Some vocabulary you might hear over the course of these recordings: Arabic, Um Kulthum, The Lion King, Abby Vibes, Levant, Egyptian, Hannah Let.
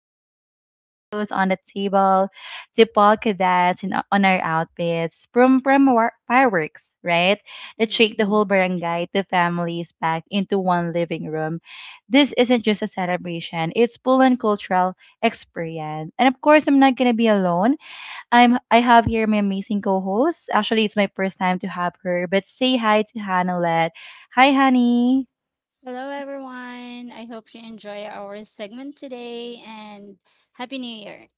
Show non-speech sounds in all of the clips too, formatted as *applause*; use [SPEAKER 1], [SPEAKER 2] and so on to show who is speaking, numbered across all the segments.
[SPEAKER 1] So from round fruits on the table to polka dots on our outfits, fireworks, right? That
[SPEAKER 2] Mm.
[SPEAKER 1] shake the whole barangay to families packed into one living room, this isn't just a celebration. It's full on cultural experience. And of course, I'm not gonna be alone. I have here my amazing co-host. Actually, it's my first time to have her, but say hi to Hannah Let. Hi, honey.
[SPEAKER 2] Hello, everyone. I hope you enjoy our segment today and Happy New Year.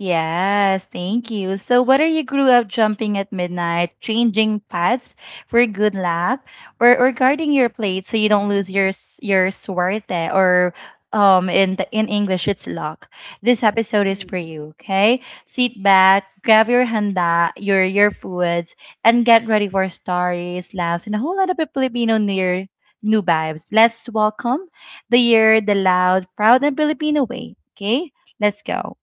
[SPEAKER 1] Yes, thank you. So, whether you grew up jumping at midnight, changing pads for good luck, or guarding your plate so you don't lose your suerte, or in in English it's luck. This episode is
[SPEAKER 2] Mm.
[SPEAKER 1] for you. Okay, sit back, grab your handa, your foods, and get ready for stories, laughs, and a whole lot of Filipino New Year new vibes. Let's welcome the year the loud, proud, and Filipino way. Okay, let's go.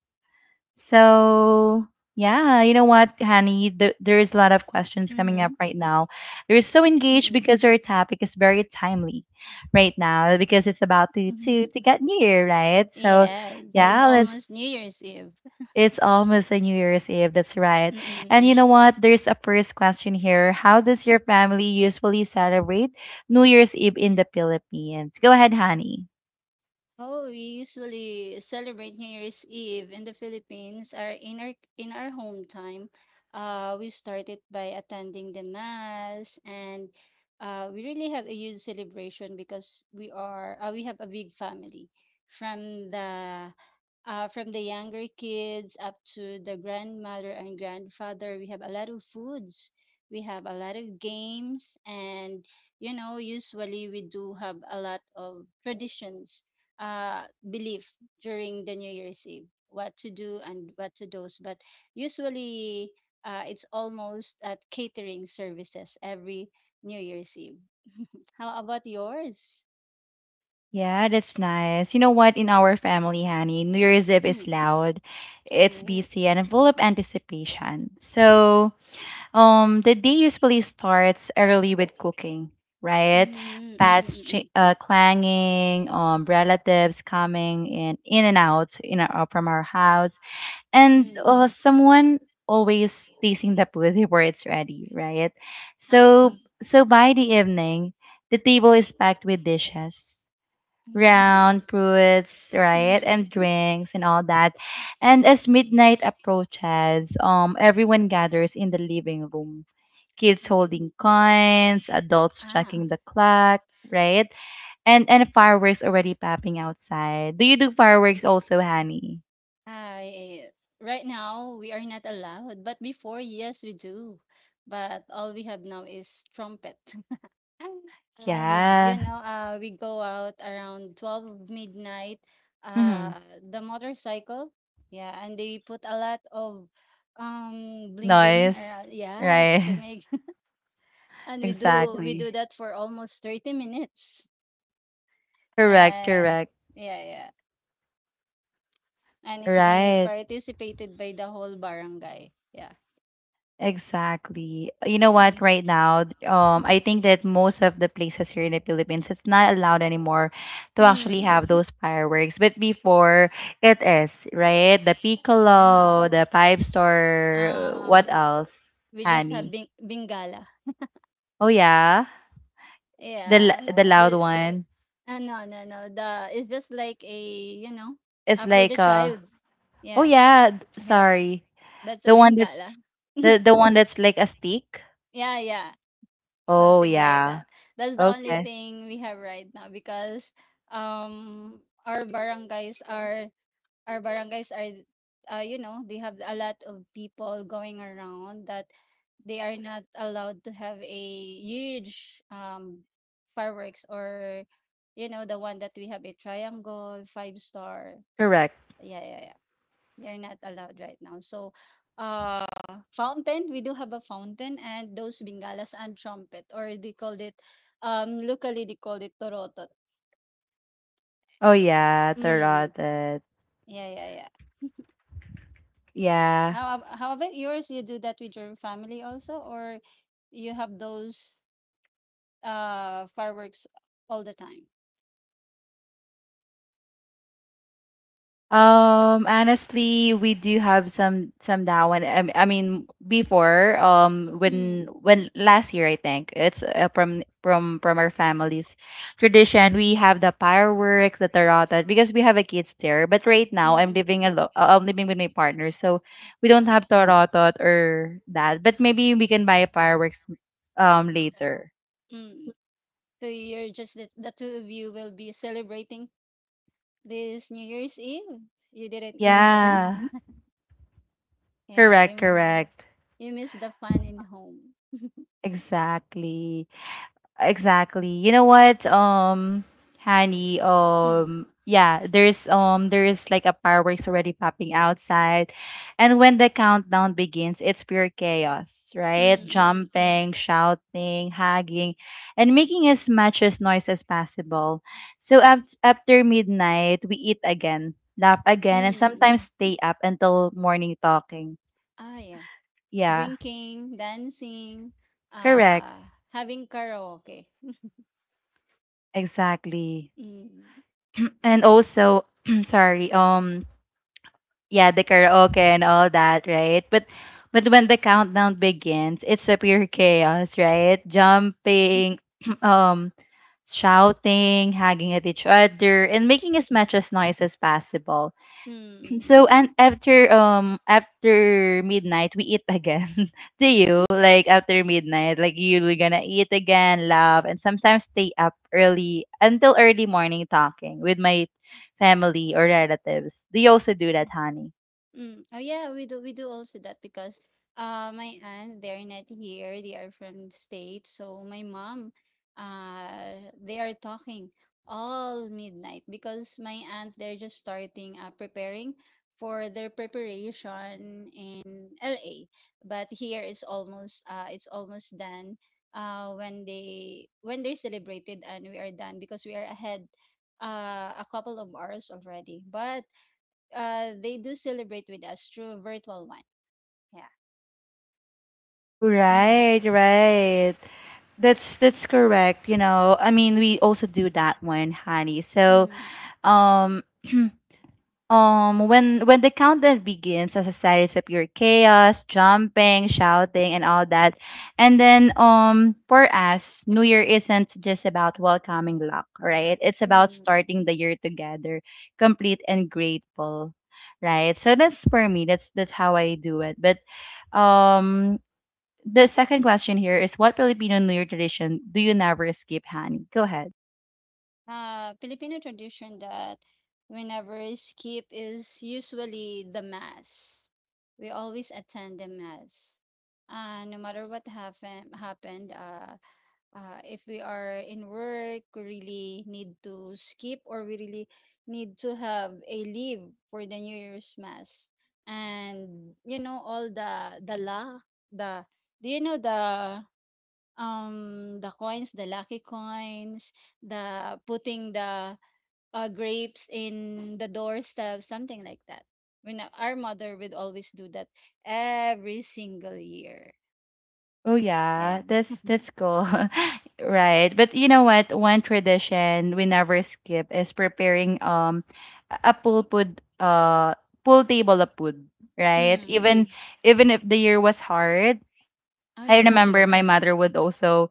[SPEAKER 1] So, yeah, you know what, Honey? There's a lot of questions coming
[SPEAKER 2] Mm-hmm.
[SPEAKER 1] up right now. They're so engaged
[SPEAKER 2] Mm-mm.
[SPEAKER 1] because our topic is very timely right now because it's about to get New Year, right?
[SPEAKER 2] *laughs*
[SPEAKER 1] So,
[SPEAKER 2] Yes, it's
[SPEAKER 1] yeah, let's.
[SPEAKER 2] almost New Year's Eve.
[SPEAKER 1] It's almost a New Year's Eve. That's
[SPEAKER 2] *laughs*
[SPEAKER 1] right. And you
[SPEAKER 2] Mm-mm.
[SPEAKER 1] know what? There's a first question here. How does your family usually celebrate New Year's Eve in the Philippines? Go ahead, Honey.
[SPEAKER 2] Oh, we usually celebrate New Year's Eve in the Philippines. Our in our in our home time, we started by attending the mass, and we really have a huge celebration because we have a big family, from the younger kids up to the grandmother and grandfather. We have a lot of foods. We have a lot of games, and you know, usually we do have a lot of traditions, uh, belief, during the New Year's Eve, what to do and what to do. But usually, it's almost at catering services every New Year's Eve. How about yours?
[SPEAKER 1] Yeah, that's nice. You know what? In our family, honey, New Year's Eve is
[SPEAKER 2] Mm.
[SPEAKER 1] loud, it's
[SPEAKER 2] Oh.
[SPEAKER 1] busy, and full of anticipation. So, the day usually starts early with cooking, right?
[SPEAKER 2] Mm, mm, mm, mm, mm,
[SPEAKER 1] Clanging, relatives coming in and out, from our house, and
[SPEAKER 2] mm.
[SPEAKER 1] someone always tasting the food *laughs* before it's ready, right?
[SPEAKER 2] Ah,
[SPEAKER 1] So, so, by the evening, the table is packed with dishes,
[SPEAKER 2] mm,
[SPEAKER 1] round fruits, right,
[SPEAKER 2] mm.
[SPEAKER 1] and drinks and all that. And as midnight approaches, everyone gathers in the living room. Kids
[SPEAKER 2] Oh.
[SPEAKER 1] holding coins, adults
[SPEAKER 2] Ah.
[SPEAKER 1] checking the clock, right? And fireworks already popping outside. Do you do fireworks also, Honey?
[SPEAKER 2] I Right now we are not allowed, but before, yes, we do. But all we have now is trumpet. *laughs* And you
[SPEAKER 1] Yeah.
[SPEAKER 2] know, we go out around 12 midnight,
[SPEAKER 1] Mm-hmm.
[SPEAKER 2] uh the motorcycle. Yeah, and they put a lot of bling bling
[SPEAKER 1] Noise,
[SPEAKER 2] around, yeah, to
[SPEAKER 1] right? *laughs*
[SPEAKER 2] make, *laughs* and we do we
[SPEAKER 1] Exactly.
[SPEAKER 2] do that for almost 30 minutes.
[SPEAKER 1] Correct,
[SPEAKER 2] Uh
[SPEAKER 1] correct.
[SPEAKER 2] yeah, yeah. And it's been
[SPEAKER 1] Right.
[SPEAKER 2] participated by the whole barangay. Yeah.
[SPEAKER 1] Exactly. You know what? Right now, I
[SPEAKER 2] Mhm.
[SPEAKER 1] think that most of the places here in the Philippines, it's not allowed anymore to actually
[SPEAKER 2] Hmm.
[SPEAKER 1] have those fireworks. But before, it is, right? The
[SPEAKER 2] Yeah.
[SPEAKER 1] piccolo, the pipe store, what
[SPEAKER 2] Um,
[SPEAKER 1] else,
[SPEAKER 2] we just have
[SPEAKER 1] honey?
[SPEAKER 2] Bingala.
[SPEAKER 1] Oh yeah,
[SPEAKER 2] Yeah.
[SPEAKER 1] the loud
[SPEAKER 2] The
[SPEAKER 1] one.
[SPEAKER 2] No, no, no. The It's just like a, you know
[SPEAKER 1] It's
[SPEAKER 2] for the
[SPEAKER 1] like
[SPEAKER 2] child.
[SPEAKER 1] Oh
[SPEAKER 2] Yeah.
[SPEAKER 1] yeah,
[SPEAKER 2] Yeah.
[SPEAKER 1] sorry,
[SPEAKER 2] That's a
[SPEAKER 1] the one
[SPEAKER 2] Bingala.
[SPEAKER 1] that's the one that's like a stick.
[SPEAKER 2] *laughs* Yeah, yeah.
[SPEAKER 1] Oh
[SPEAKER 2] Something like
[SPEAKER 1] yeah.
[SPEAKER 2] that. That's the only
[SPEAKER 1] Okay.
[SPEAKER 2] thing we have right now because um our barangays are our barangays are you know, they have a lot of people going around, that they are not allowed to have a huge, um fireworks, or you know, the one that we have, a triangle, five star.
[SPEAKER 1] Correct.
[SPEAKER 2] Yeah, yeah, yeah, they're not allowed right now, so fountain, we do have a fountain, and those bengalas and trumpet, or they called it, locally they called it torotot.
[SPEAKER 1] Oh yeah,
[SPEAKER 2] Mm.
[SPEAKER 1] tarot.
[SPEAKER 2] Yeah, yeah, yeah.
[SPEAKER 1] Yeah.
[SPEAKER 2] How about yours? You do that with your family also, or you have those fireworks all the time?
[SPEAKER 1] Honestly, we do have some now and I mean before when
[SPEAKER 2] Mm.
[SPEAKER 1] last year I think it's from from our family's tradition. We have the fireworks the tarata because we have a kids there, but right now I'm
[SPEAKER 2] Mm-mm.
[SPEAKER 1] living alone, I'm living with my partner, so we don't
[SPEAKER 2] Ah.
[SPEAKER 1] have tarata or that, but maybe we can buy fireworks later.
[SPEAKER 2] Mm. So you're just the two of you will be celebrating this New Year's Eve. You didn't go home.
[SPEAKER 1] Yeah.
[SPEAKER 2] Yeah,
[SPEAKER 1] Correct,
[SPEAKER 2] you,
[SPEAKER 1] correct.
[SPEAKER 2] you missed the fun in home.
[SPEAKER 1] Exactly. Exactly. You know what, Hani,
[SPEAKER 2] Mm.
[SPEAKER 1] yeah, there's like a fireworks already popping outside. And when the countdown begins, it's pure chaos, right?
[SPEAKER 2] Mm-mm. Yeah.
[SPEAKER 1] Jumping, shouting, hugging, and making as much as noise as possible. So af after midnight, we eat again, laugh again, and
[SPEAKER 2] Mm,
[SPEAKER 1] sometimes stay up until morning talking.
[SPEAKER 2] ah, yeah.
[SPEAKER 1] Yeah,
[SPEAKER 2] Drinking, dancing,
[SPEAKER 1] correct.
[SPEAKER 2] uh, having karaoke.
[SPEAKER 1] Exactly.
[SPEAKER 2] Mm,
[SPEAKER 1] And also, *clears throat* sorry, yeah, the karaoke and all that, right? But when the countdown begins, it's a pure chaos, right? Jumping, *clears throat* um, shouting, hugging at each other, and making as much as noise as possible.
[SPEAKER 2] mm,
[SPEAKER 1] *clears throat* So
[SPEAKER 2] mm,
[SPEAKER 1] and after after midnight, we eat again. *laughs* Do you like after midnight? Like you're gonna eat again, laugh, and sometimes stay up early until early morning talking with my family or relatives. Do you also do
[SPEAKER 2] mm.
[SPEAKER 1] that, honey?
[SPEAKER 2] Mm. Oh yeah, we do also that because my aunt, they're not here, they are from the States. So my mom, they are talking all midnight because my aunt, they're just starting preparing for their preparation in LA. But here is almost, it's almost done when they celebrated, and we are done because we are ahead a couple of hours already. But they do celebrate with us through a virtual one. Yeah. Mm.
[SPEAKER 1] Right, right. That's correct. You know, I mean, we also do that one, honey. So,
[SPEAKER 2] Mm.
[SPEAKER 1] um, *clears throat* when the countdown begins, as a series of your chaos, jumping, shouting, and all that, and then for us, New Year isn't just about welcoming luck, right? It's about
[SPEAKER 2] Mm.
[SPEAKER 1] starting the year together, complete and grateful, right? So that's for me. That's how I do it. But, um the second question here is what Filipino New Year tradition do you never skip, honey? Go ahead.
[SPEAKER 2] Filipino tradition that we skip is usually the mass. We always attend the mass. No matter what happened, if we are in work, we really need to skip, or we really need to have a leave for the New Year's Mass. And you know all the, do you know the, the coins, the lucky coins, the putting the, grapes in the doorstep, something like that. When, our mother would always do that every single year.
[SPEAKER 1] Oh yeah,
[SPEAKER 2] Yeah.
[SPEAKER 1] that's cool. *laughs* Right. But you know what? One tradition we never skip is preparing a pool table of food, right?
[SPEAKER 2] Mm.
[SPEAKER 1] Even if the year was hard,
[SPEAKER 2] Oh
[SPEAKER 1] I
[SPEAKER 2] yeah.
[SPEAKER 1] remember my mother would also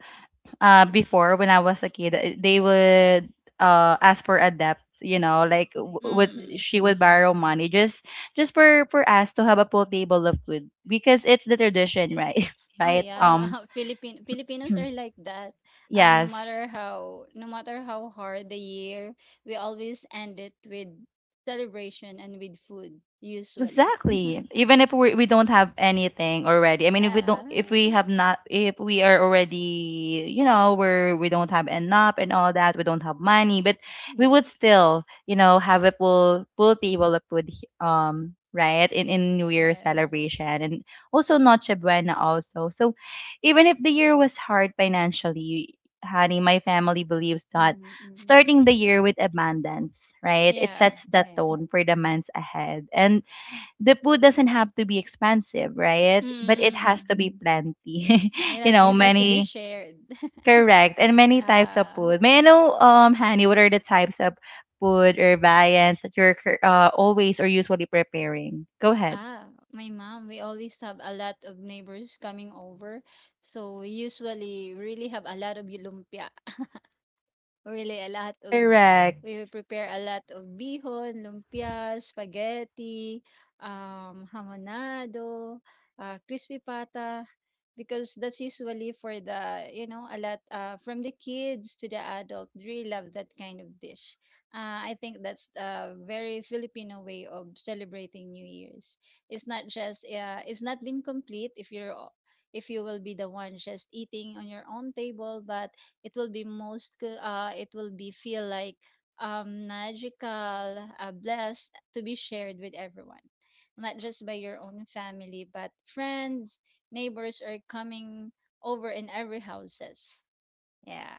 [SPEAKER 1] before when I was a kid, they would ask for a debt, you know, like w- would
[SPEAKER 2] Mm.
[SPEAKER 1] she would borrow money just for us to have a full table of food because it's the tradition, right? *laughs*
[SPEAKER 2] Oh
[SPEAKER 1] Right?
[SPEAKER 2] yeah. *laughs* Philippine Filipinos are
[SPEAKER 1] *clears throat*
[SPEAKER 2] like that. No
[SPEAKER 1] Yes.
[SPEAKER 2] matter how, hard the year, we always end it with celebration and with food, usually.
[SPEAKER 1] Exactly. Even if we don't have anything already. I
[SPEAKER 2] *laughs*
[SPEAKER 1] mean, if we
[SPEAKER 2] Yeah.
[SPEAKER 1] don't, if we have not, if we are already, you know, we don't have enough and all that, we don't have money, but we
[SPEAKER 2] Mm,
[SPEAKER 1] would still, you know, have a full table of food, right, in New Year
[SPEAKER 2] yes.
[SPEAKER 1] celebration and also Noche Buena also. So, even if the year was hard financially, honey, my family believes that
[SPEAKER 2] Mhm, mm.
[SPEAKER 1] starting the year with abundance, right, it
[SPEAKER 2] Yeah,
[SPEAKER 1] sets the
[SPEAKER 2] yeah.
[SPEAKER 1] tone for the months ahead, and the food doesn't have to be expensive, right?
[SPEAKER 2] Mm,
[SPEAKER 1] But it
[SPEAKER 2] hmm,
[SPEAKER 1] has
[SPEAKER 2] mm.
[SPEAKER 1] to be plenty.
[SPEAKER 2] It
[SPEAKER 1] *laughs* You
[SPEAKER 2] has
[SPEAKER 1] know,
[SPEAKER 2] it has to be
[SPEAKER 1] many
[SPEAKER 2] shared. *laughs*
[SPEAKER 1] correct and many types of
[SPEAKER 2] Ah,
[SPEAKER 1] food. May I know, Hani, what are the types of food or viands that you're always or usually preparing? Go ahead.
[SPEAKER 2] my mom, we always have a lot of neighbors coming over. So we usually really have a lot of lumpia. Really a lot of
[SPEAKER 1] Correct.
[SPEAKER 2] We will prepare a lot of bihon, lumpia, spaghetti, hamonado, crispy pata, because that's usually for the, a lot, from the kids to the adult, really love that kind of dish. I think that's a very Filipino way of celebrating New Year's. It's not just, it's not been complete if if you will be the one just eating on your own table, but it will be feel like, magical, blessed to be shared with everyone. Not just by your own family, but friends, neighbors are coming over in every houses. Yeah.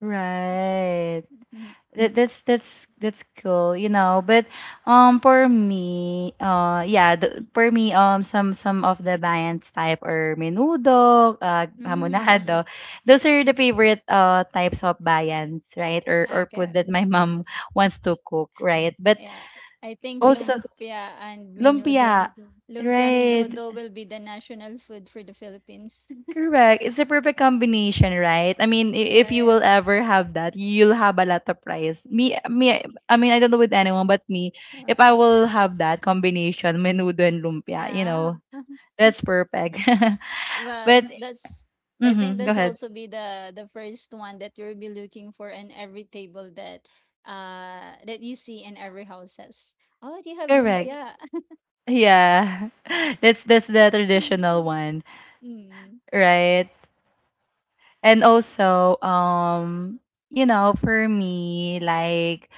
[SPEAKER 1] Right.
[SPEAKER 2] *laughs*
[SPEAKER 1] That's that's cool, you know. But for me, yeah, for me, some of the bands type or menudo,
[SPEAKER 2] Mhm. Mm, mm,
[SPEAKER 1] hamonado,
[SPEAKER 2] mm.
[SPEAKER 1] those are the favorite types of bands, right? Or
[SPEAKER 2] Okay.
[SPEAKER 1] food that my *laughs* mom wants to cook, right? But
[SPEAKER 2] Yeah. I think
[SPEAKER 1] also
[SPEAKER 2] lumpia and menudo.
[SPEAKER 1] lumpia,
[SPEAKER 2] Lumpia
[SPEAKER 1] right?
[SPEAKER 2] menudo will be the national food for the Philippines. *laughs*
[SPEAKER 1] Correct. It's a perfect combination, right? I mean, if you
[SPEAKER 2] Yeah,
[SPEAKER 1] will ever have that, you'll have a lot of prize.
[SPEAKER 2] yeah.
[SPEAKER 1] Me. I mean, I don't know with anyone, but me. If I
[SPEAKER 2] Uh-uh.
[SPEAKER 1] will have that combination, menudo and lumpia, you
[SPEAKER 2] Yeah.
[SPEAKER 1] know, that's perfect. *laughs*
[SPEAKER 2] Well,
[SPEAKER 1] But
[SPEAKER 2] that's I think
[SPEAKER 1] mm-hmm, go
[SPEAKER 2] that's
[SPEAKER 1] ahead.
[SPEAKER 2] also be the first one that you'll be looking for in every table that you see in every houses. Oh, do you have
[SPEAKER 1] Correct.
[SPEAKER 2] lumpia?
[SPEAKER 1] Yeah, *laughs* that's the
[SPEAKER 2] *laughs*
[SPEAKER 1] traditional one,
[SPEAKER 2] Mm.
[SPEAKER 1] right? And also, you know, for me, like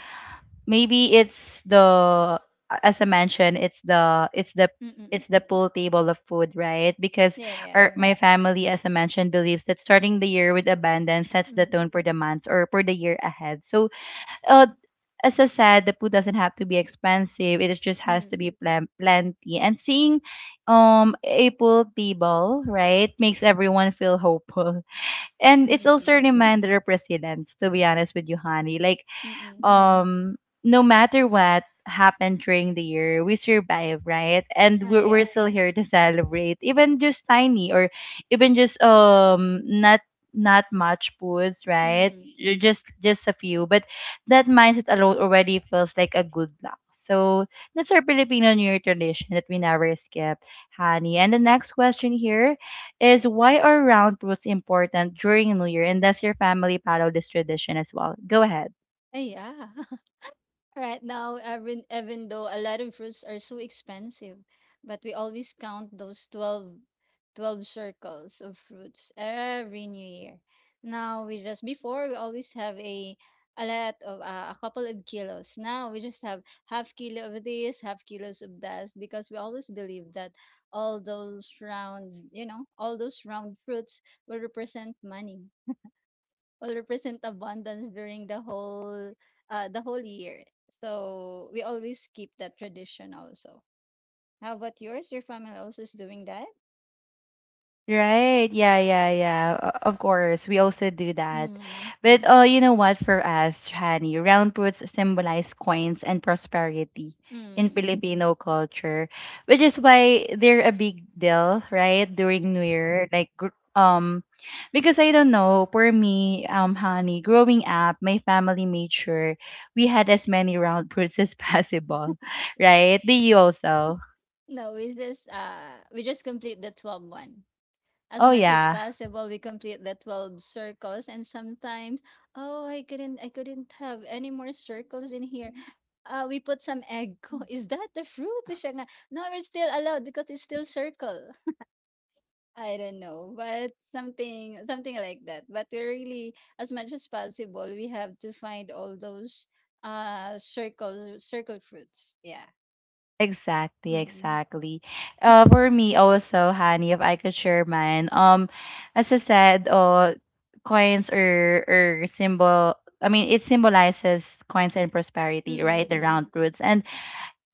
[SPEAKER 1] maybe it's the as I mentioned
[SPEAKER 2] Mm-mm.
[SPEAKER 1] it's the pool table of food right because
[SPEAKER 2] Yeah, yeah.
[SPEAKER 1] our my family as I mentioned believes that starting the year with abundance sets the
[SPEAKER 2] Mm.
[SPEAKER 1] tone for the months or for the year ahead so uh as I said, the food doesn't have to be expensive. It just has to be
[SPEAKER 2] Mm.
[SPEAKER 1] plenty. And seeing a pool table, right, makes everyone feel hopeful. *laughs* And
[SPEAKER 2] Mm.
[SPEAKER 1] it's also a
[SPEAKER 2] Mm.
[SPEAKER 1] reminder of resilience, to be honest with you, honey. Like
[SPEAKER 2] Mm. Mm.
[SPEAKER 1] um no matter what happened during the year we survive, right, and
[SPEAKER 2] Ah,
[SPEAKER 1] we're
[SPEAKER 2] yeah.
[SPEAKER 1] still here to celebrate, even just tiny, or even just not much foods,
[SPEAKER 2] Mm.
[SPEAKER 1] right?
[SPEAKER 2] Mm, mm.
[SPEAKER 1] Just a few, but that mindset alone already feels like a good luck. So that's our Filipino New Year tradition that we never skip, honey. And the next question here is, why are round roots important during New Year and does your family follow this tradition as well? Go ahead.
[SPEAKER 2] Ah, yeah. *laughs* Right now, even even though a lot of fruits are so expensive, but we always count those 12 circles of fruits every new year. Now, we just, before, we always have a lot of, a couple of kilos. Now we just have half kilo of this, half kilos of that, because we always believe that all those round fruits will represent money, will represent abundance during the whole, the whole year. So we always keep that tradition also. How about yours? Your family also is doing that?
[SPEAKER 1] Right. Yeah, yeah, yeah. Of course, we also do that.
[SPEAKER 2] Mm.
[SPEAKER 1] But oh, you know what, for us, Hani, round fruits symbolize coins and prosperity in
[SPEAKER 2] Mm.
[SPEAKER 1] Filipino culture, which is why they're a big deal, right? During New Year, like because I don't know, for me, Hani, growing up, my family made sure we had as many round fruits as possible, *laughs* right? Do you also?
[SPEAKER 2] No, we just complete the 12 one. As
[SPEAKER 1] Oh
[SPEAKER 2] much as
[SPEAKER 1] yeah.
[SPEAKER 2] possible, we complete the 12 circles, and sometimes, oh, I couldn't have any more circles in here. We put some egg. *laughs* Is that the fruit? Siya nga, no, we're still allowed because it's still circle. I don't know, but something like that. But we really, as much as possible, we have to find all those circle circle fruits. Yeah.
[SPEAKER 1] Exactly,
[SPEAKER 2] Mm.
[SPEAKER 1] exactly. For me also, Honey, if I could share mine, as I said, coins or symbol. I mean, it symbolizes coins and prosperity, right? The
[SPEAKER 2] Mm-mm.
[SPEAKER 1] round roots, and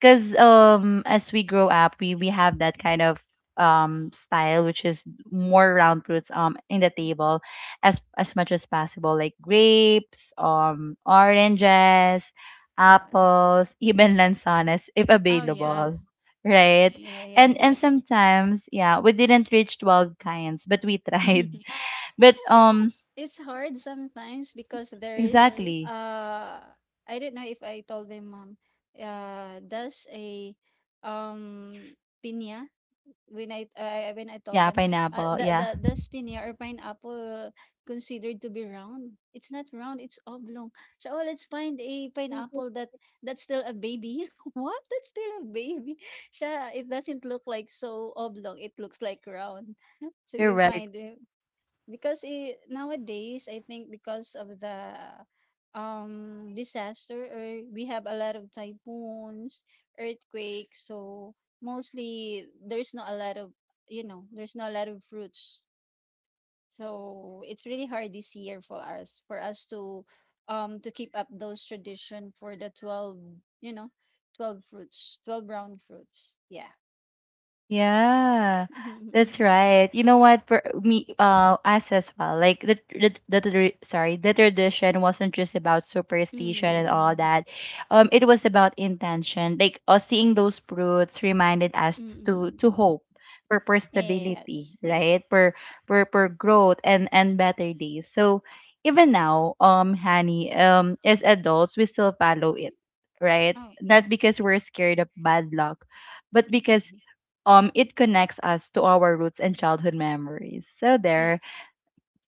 [SPEAKER 1] because as we grow up we have that kind of style, which is more round fruits in the table as much as possible, like grapes, oranges, apples, *laughs* even lansanas if
[SPEAKER 2] Oh yeah.
[SPEAKER 1] available, right?
[SPEAKER 2] Yeah. Yes.
[SPEAKER 1] And
[SPEAKER 2] Yes.
[SPEAKER 1] sometimes, yeah, we didn't reach 12 kinds, but we tried.
[SPEAKER 2] *laughs*
[SPEAKER 1] *laughs* But
[SPEAKER 2] It's hard sometimes because there is
[SPEAKER 1] exactly,
[SPEAKER 2] uh I don't know, if I told my mom, does a, um pinya, when I told
[SPEAKER 1] yeah,
[SPEAKER 2] them,
[SPEAKER 1] pineapple,
[SPEAKER 2] the
[SPEAKER 1] yeah.
[SPEAKER 2] the the spinia or pineapple considered to be round. It's not round. It's oblong. So, oh, let's find a pineapple that's still a baby. *laughs* What? That's still a baby. Siya, it doesn't look like so oblong. It looks like round. *laughs* So we
[SPEAKER 1] Correct.
[SPEAKER 2] find, because, I nowadays, I think because of the, disaster, or we have a lot of typhoons, earthquakes, so mostly there's not a lot of fruits. So it's really hard this year for us to, to keep up those tradition for the 12, you know, 12 fruits, 12 brown fruits. Yeah.
[SPEAKER 1] Yeah,
[SPEAKER 2] *laughs*
[SPEAKER 1] that's right. You know what? For me, us as well. Like sorry, the tradition wasn't just about superstition and
[SPEAKER 2] Mm,
[SPEAKER 1] all that. It was about intention. Like seeing those fruits reminded us
[SPEAKER 2] mm, mm.
[SPEAKER 1] to hope for stability,
[SPEAKER 2] Yes.
[SPEAKER 1] right? For growth and better days. So even now, honey, as adults, we still follow it, right?
[SPEAKER 2] Oh.
[SPEAKER 1] Not because we're scared of bad luck, but because
[SPEAKER 2] *laughs*
[SPEAKER 1] it connects us to our roots and childhood memories so
[SPEAKER 2] Yeah.
[SPEAKER 1] there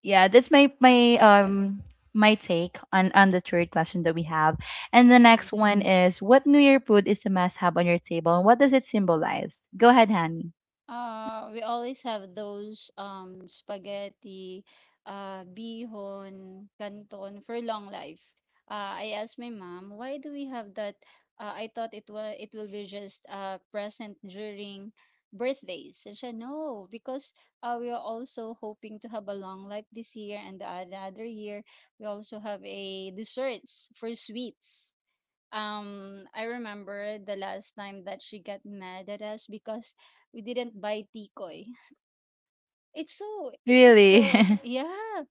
[SPEAKER 1] yeah that's my my
[SPEAKER 2] Yes, yes.
[SPEAKER 1] um take on the third question that we have. And the
[SPEAKER 2] Hmm.
[SPEAKER 1] next one is, what new year food is a must have on your table, and what does it symbolize? Go ahead, honey.
[SPEAKER 2] We always have those, spaghetti, bihon, canton for long life. I asked my mom, why do we have that? I thought it will be just present during birthdays. And she, no, because, we are also hoping to have a long life this year and the, the other year. We also have a desserts for sweets. I remember the last time that she got mad at us because we didn't buy tikoy. It's so it's so
[SPEAKER 1] Really?
[SPEAKER 2] *laughs* yeah.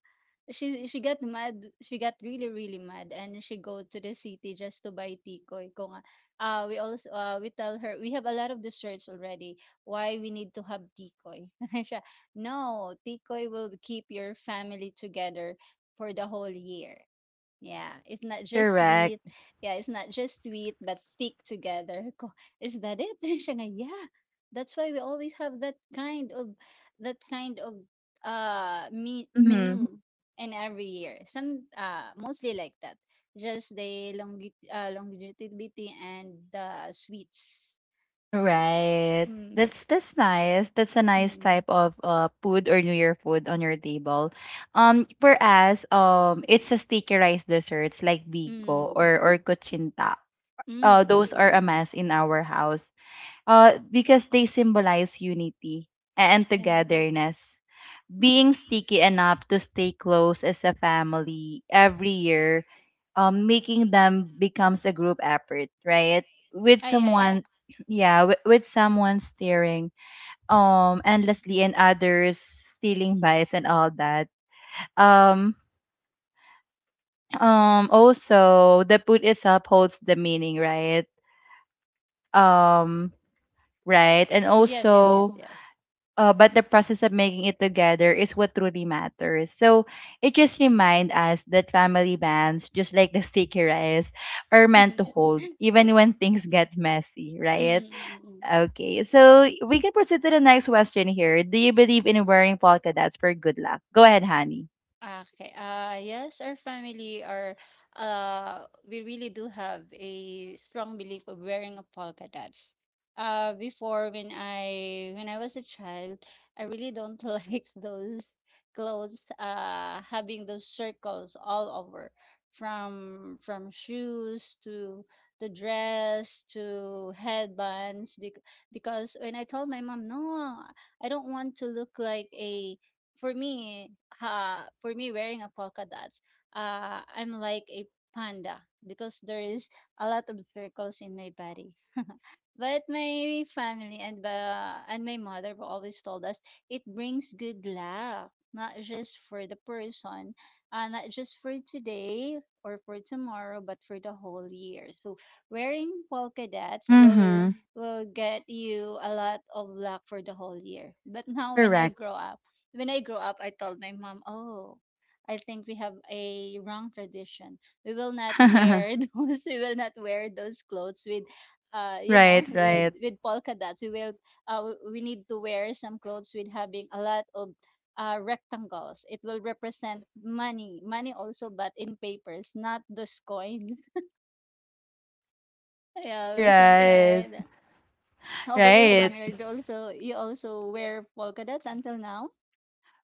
[SPEAKER 2] She got mad. She got really really mad, and she go to the city just to buy tikoy. Kung, ah, we also, we tell her we have a lot of desserts already. Why we need to have tikoy? *laughs* Siya, no, tikoy will keep your family together for the whole year. Yeah, it's not
[SPEAKER 1] *laughs*
[SPEAKER 2] just
[SPEAKER 1] Correct.
[SPEAKER 2] sweet. Yeah, it's not just sweet, but thick together. Ko, is that it? *laughs* Then siya nga, yeah. That's why we always have that kind of me
[SPEAKER 1] Mm-hmm.
[SPEAKER 2] menu in every year. Some Mostly like that. Just the, longi longevity and the sweets. Yeah.
[SPEAKER 1] Right,
[SPEAKER 2] Mm,
[SPEAKER 1] that's nice. That's a nice
[SPEAKER 2] mm,
[SPEAKER 1] type of food or new year food on your table. For us, it's a sticky rice desserts like biko
[SPEAKER 2] mm,
[SPEAKER 1] or kuchinta. Those
[SPEAKER 2] mm.
[SPEAKER 1] are a mass in our house, because they symbolize unity and togetherness. Being sticky enough to stay close as a family every year, making them becomes a group effort, right? With Right.
[SPEAKER 2] Ah, yeah, yeah.
[SPEAKER 1] someone, yeah, with someone staring endlessly and others stealing bites and all that. Um, also the food itself holds the meaning, right? Um, right? And
[SPEAKER 2] Yes,
[SPEAKER 1] also,
[SPEAKER 2] yes, yes,
[SPEAKER 1] Mm.
[SPEAKER 2] yes.
[SPEAKER 1] But the process of making it together is what truly matters. So it just reminds us that family bands, just like the sticky rice, are
[SPEAKER 2] *laughs*
[SPEAKER 1] meant
[SPEAKER 2] Mm,
[SPEAKER 1] to hold even when things get messy,
[SPEAKER 2] mm,
[SPEAKER 1] right?
[SPEAKER 2] mm, mm.
[SPEAKER 1] Okay, so we can proceed to the next question here. Do you believe in wearing polka dots for good luck? Go ahead, honey.
[SPEAKER 2] Okay. Yes, our family are, we really do have a strong belief of wearing a polka dots. Before when I was a child, I really don't *laughs* like those clothes. Having those circles all over, from shoes to the dress to headbands. Because when I told my mom, no, I don't want to look like a, for me, for me wearing a polka dots, I'm like a panda because there is a lot of circles in my body. But my family and the and my mother were always told us it brings good luck, not just for the person, not just for today or for tomorrow, but for the whole year. So wearing polka dots will
[SPEAKER 1] Mm-hmm.
[SPEAKER 2] will get you a lot of luck for the whole year. But now when I
[SPEAKER 1] Correct.
[SPEAKER 2] grow up, I told my mom, oh. I think we have a wrong tradition. We will not
[SPEAKER 1] *laughs* right,
[SPEAKER 2] wear *laughs* those. We will not wear those clothes with
[SPEAKER 1] right,
[SPEAKER 2] with polka dots we will we need to wear some clothes with having a lot of rectangles. It will represent money also, but in papers, not those coins. *laughs* Yeah, with something
[SPEAKER 1] right,
[SPEAKER 2] like that. How about your
[SPEAKER 1] right.
[SPEAKER 2] family, do also you also wear polka dots until now?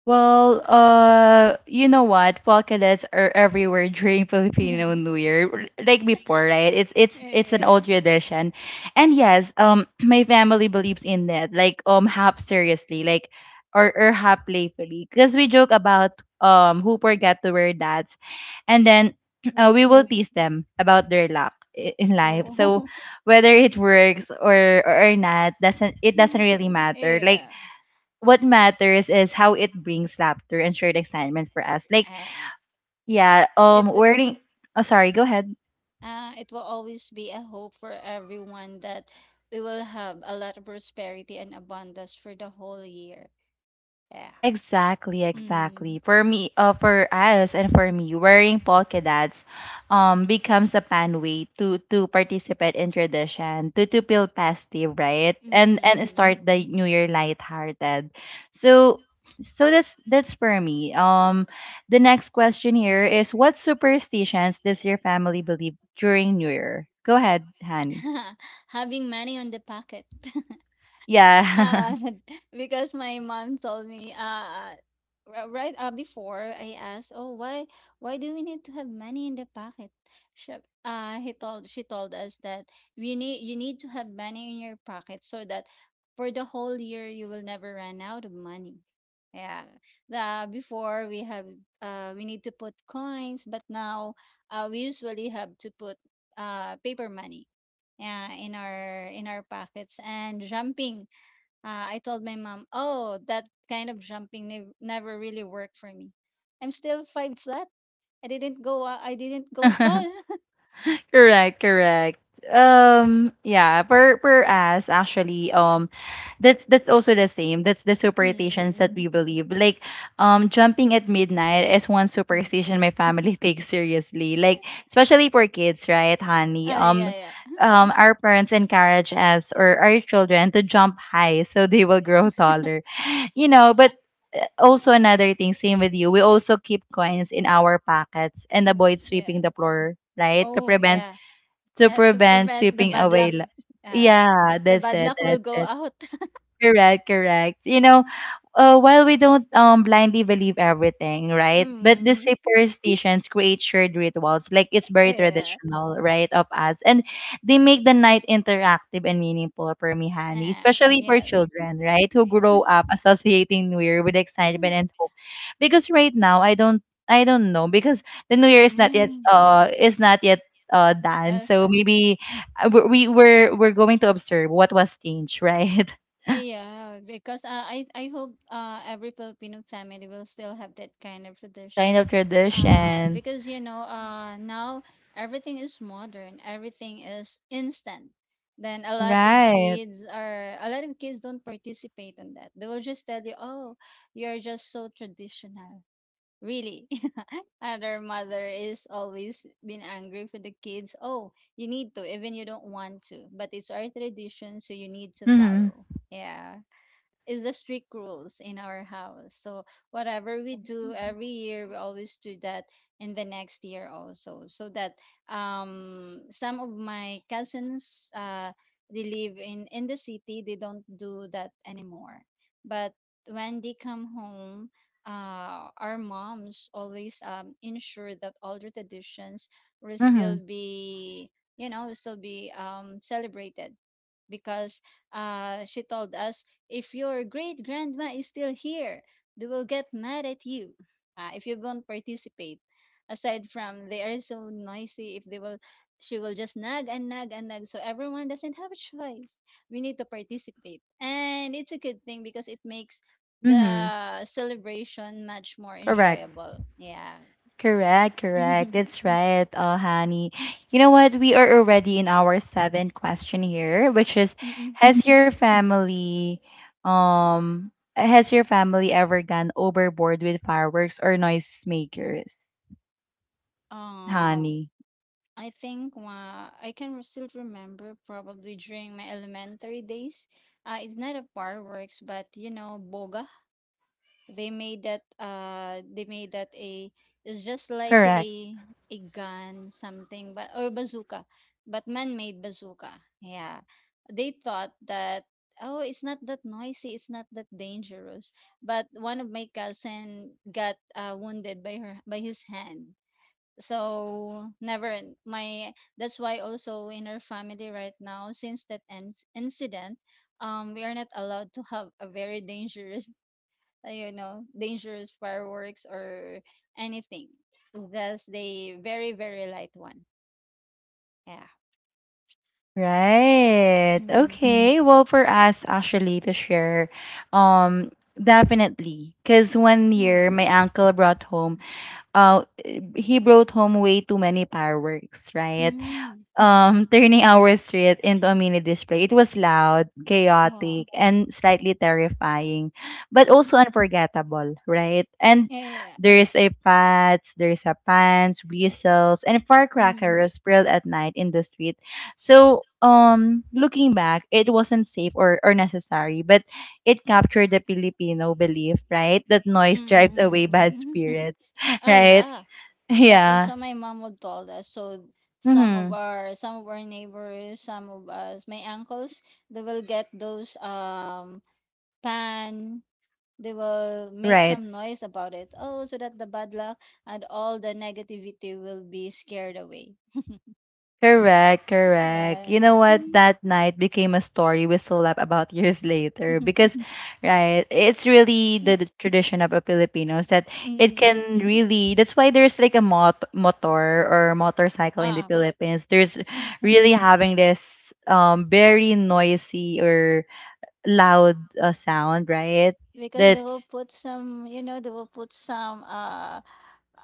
[SPEAKER 1] Well, you know what? Polkadets are everywhere during *laughs* Filipino
[SPEAKER 2] *laughs*
[SPEAKER 1] New Year, like before, right? It's an
[SPEAKER 2] Yes.
[SPEAKER 1] old tradition, and yes, *clears throat* my family believes in that, like half seriously, like or half playfully, because we joke about who forgot to wear that, and then *clears throat* we
[SPEAKER 2] Oh,
[SPEAKER 1] will tease them about their luck in life. So
[SPEAKER 2] oh.
[SPEAKER 1] whether it works or not, doesn't it doesn't really
[SPEAKER 2] *laughs*
[SPEAKER 1] matter. Like
[SPEAKER 2] Yeah.
[SPEAKER 1] what matters is how it brings laughter and shared excitement for us. Like,
[SPEAKER 2] Ah,
[SPEAKER 1] yeah,
[SPEAKER 2] it
[SPEAKER 1] wearing. Oh, sorry. Go ahead.
[SPEAKER 2] Uh, it will always be a hope for everyone that we will have a lot of prosperity and abundance for the whole year. Yeah.
[SPEAKER 1] Exactly,
[SPEAKER 2] Mm.
[SPEAKER 1] exactly. For me, for us and for me, wearing polka dots becomes a fun way to participate in tradition, to feel festive, right? And
[SPEAKER 2] Mm.
[SPEAKER 1] start the new year lighthearted. So so that's for me. The next question here is, what superstitions does your family believe during New Year? Go ahead, Hani.
[SPEAKER 2] *laughs* Having money on the pocket.
[SPEAKER 1] Yeah.
[SPEAKER 2] Uh, *laughs* because my mom told me right, before I asked, "Oh, why do we need to have money in the pocket?" She, she told us that we need you need to have money in your pocket so that for the whole year you will never run out of money. Yeah. The Before we have, we need to put coins, but now, we usually have to put paper money. Yeah, in our pockets. And jumping, I told my mom, "Oh, that kind of jumping never really worked for me. I'm still five flat. I didn't go
[SPEAKER 1] *laughs*
[SPEAKER 2] tall." *laughs*
[SPEAKER 1] Correct, correct. Yeah, per per us actually, that's also the same. That's the superstitions that we
[SPEAKER 2] Mm-mm-mm.
[SPEAKER 1] believe. Like, jumping at midnight is one superstition my family *laughs* takes seriously. Like, especially for kids, right, honey?
[SPEAKER 2] Ah, yeah, yeah.
[SPEAKER 1] Our parents encourage us or our children to jump high so they will grow *laughs* taller. You know, but also another thing, same with you. We also keep coins in our pockets and avoid
[SPEAKER 2] Mm, yeah.
[SPEAKER 1] sweeping the floor, right, to
[SPEAKER 2] Oh,
[SPEAKER 1] prevent
[SPEAKER 2] yeah. To prevent
[SPEAKER 1] sweeping away li
[SPEAKER 2] uh,
[SPEAKER 1] Yeah,
[SPEAKER 2] the
[SPEAKER 1] that's
[SPEAKER 2] bad
[SPEAKER 1] it,
[SPEAKER 2] luck will
[SPEAKER 1] that's
[SPEAKER 2] go
[SPEAKER 1] it.
[SPEAKER 2] out. *laughs*
[SPEAKER 1] Correct, correct. You know, while we don't blindly believe everything, right? But the
[SPEAKER 2] Mm.
[SPEAKER 1] superstitions create shared rituals, like it's very
[SPEAKER 2] Yeah.
[SPEAKER 1] traditional, right, of us, and they make the night interactive and meaningful for me, honey, especially for
[SPEAKER 2] Yeah.
[SPEAKER 1] children, right, who grow up associating New Year with excitement and hope, because right now I don't know, because the New Year is not yet,
[SPEAKER 2] Mm.
[SPEAKER 1] is not yet. Done
[SPEAKER 2] That's
[SPEAKER 1] so
[SPEAKER 2] that.
[SPEAKER 1] maybe we're going to observe what was changed *laughs* right.
[SPEAKER 2] Yeah, because I hope every Filipino family will still have that kind of
[SPEAKER 1] Kind
[SPEAKER 2] tradition.
[SPEAKER 1] of
[SPEAKER 2] Uh,
[SPEAKER 1] tradition.
[SPEAKER 2] because you know, uh now everything is modern, everything is instant. Then
[SPEAKER 1] Right.
[SPEAKER 2] a lot of kids don't participate in that. They will just tell you, "Oh, you're just so traditional." Really. *laughs* And our mother is always been angry for the kids. Oh, you need to, even you don't want to. But it's our tradition, so you need to
[SPEAKER 1] Mm-hmm.
[SPEAKER 2] follow. Yeah, is the strict rules in our house. So whatever we do every year, we always do that in the next year also. So that some of my cousins, they live in the city, they don't do that anymore. But when they come home, our moms always ensure that all the traditions will
[SPEAKER 1] Mm-hmm.
[SPEAKER 2] still be will still be celebrated. Because she told us, if your great grandma is still here, they will get mad at you, if you don't participate. Aside from they are so noisy, if they will, she will just nag and nag and nag. So everyone doesn't have a choice. We need to participate, and it's a good thing because it makes
[SPEAKER 1] Mm-hmm.
[SPEAKER 2] the celebration much more
[SPEAKER 1] Correct.
[SPEAKER 2] enjoyable. Yeah.
[SPEAKER 1] Correct,
[SPEAKER 2] *laughs*
[SPEAKER 1] correct. That's
[SPEAKER 2] Mm-mm.
[SPEAKER 1] right, oh honey. You know what? We are already in our seventh question here, which is, has your family has your family ever gone overboard with fireworks or noisemakers?
[SPEAKER 2] um.
[SPEAKER 1] Honey.
[SPEAKER 2] I think I can still remember probably during my elementary days. It's not a fireworks, but boga. They made that. They made that a. It's just like
[SPEAKER 1] Correct.
[SPEAKER 2] a gun, something, but or bazooka, but man-made bazooka. Yeah, they thought that. Oh, it's not that noisy. It's not that dangerous. But one of my cousin got wounded by his hand. So never in- my that's why also in our family right now, since that incident, we are not allowed to have a very dangerous *laughs* dangerous fireworks or anything. Just the very very light one. Yeah.
[SPEAKER 1] Right.
[SPEAKER 2] Mm.
[SPEAKER 1] Okay. Well, for us actually to share, um, definitely. Cause one year
[SPEAKER 2] Mm.
[SPEAKER 1] my uncle brought home, uh, he brought home way too many fireworks, right?
[SPEAKER 2] Mm.
[SPEAKER 1] Turning our street into a mini display. It was loud,
[SPEAKER 2] Wow.
[SPEAKER 1] chaotic, and slightly terrifying, but also unforgettable, right? And
[SPEAKER 2] Yeah, yeah, yeah.
[SPEAKER 1] there's a pads, there's a pants, whistles, and
[SPEAKER 2] Mm,
[SPEAKER 1] firecrackers spilled at night in the street. So, looking back, it wasn't safe or necessary, but it captured the Filipino belief, right? That
[SPEAKER 2] mm,
[SPEAKER 1] noise
[SPEAKER 2] mm,
[SPEAKER 1] drives
[SPEAKER 2] mm,
[SPEAKER 1] away
[SPEAKER 2] mm,
[SPEAKER 1] bad
[SPEAKER 2] mm.
[SPEAKER 1] spirits,
[SPEAKER 2] *laughs*
[SPEAKER 1] *laughs*
[SPEAKER 2] Oh,
[SPEAKER 1] right?
[SPEAKER 2] yeah. That's
[SPEAKER 1] Yeah.
[SPEAKER 2] also my mom would told us. So some of
[SPEAKER 1] Mm-hmm.
[SPEAKER 2] our some of our neighbors, some of us, my uncles, they will get those pan. They will make
[SPEAKER 1] Right.
[SPEAKER 2] some noise about it. Oh, so that the bad luck and all the negativity will be scared away.
[SPEAKER 1] Correct, correct.
[SPEAKER 2] Yeah.
[SPEAKER 1] You know what? That night became a story we still laugh about *laughs* years later
[SPEAKER 2] *laughs*
[SPEAKER 1] because, right, it's really the tradition of a Filipinos that it
[SPEAKER 2] Mm.
[SPEAKER 1] can really, that's why there's like a mot motor or motorcycle in the
[SPEAKER 2] Uh-uh.
[SPEAKER 1] Philippines. There's really having this very noisy or loud sound, right?
[SPEAKER 2] Because they
[SPEAKER 1] That,
[SPEAKER 2] will put some, they will put some, uh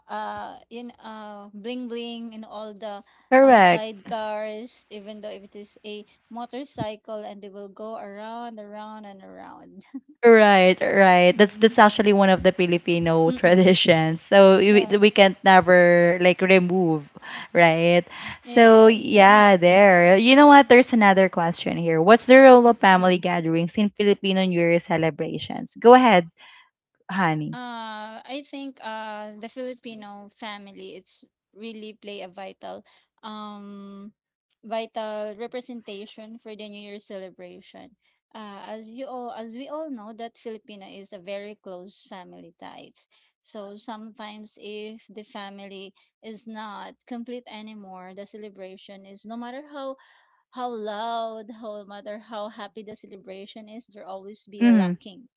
[SPEAKER 2] uh in bling bling in all the,
[SPEAKER 1] correct.
[SPEAKER 2] sidecars, even though if it is a motorcycle, and they will go around around and around. *laughs*
[SPEAKER 1] Right, right. That's
[SPEAKER 2] Mhm.
[SPEAKER 1] actually one of the Filipino *laughs*
[SPEAKER 2] Mm-mm.
[SPEAKER 1] traditions. So
[SPEAKER 2] But.
[SPEAKER 1] we can't never like remove, right?
[SPEAKER 2] *laughs*
[SPEAKER 1] So
[SPEAKER 2] Yeah.
[SPEAKER 1] yeah, there. You know what? There's another question here. What's the role of
[SPEAKER 2] Mm-mm.
[SPEAKER 1] family gatherings in Filipino New Year celebrations? Go ahead, honey.
[SPEAKER 2] I think the Filipino family, it's really play a vital, um vital representation for the New Year celebration. As you all as we all know that Filipino is a very close family ties. So sometimes if the family is not complete anymore, the celebration is no matter how loud, how no matter how happy the celebration is, there always be a
[SPEAKER 1] Mm-hmm.
[SPEAKER 2] lacking.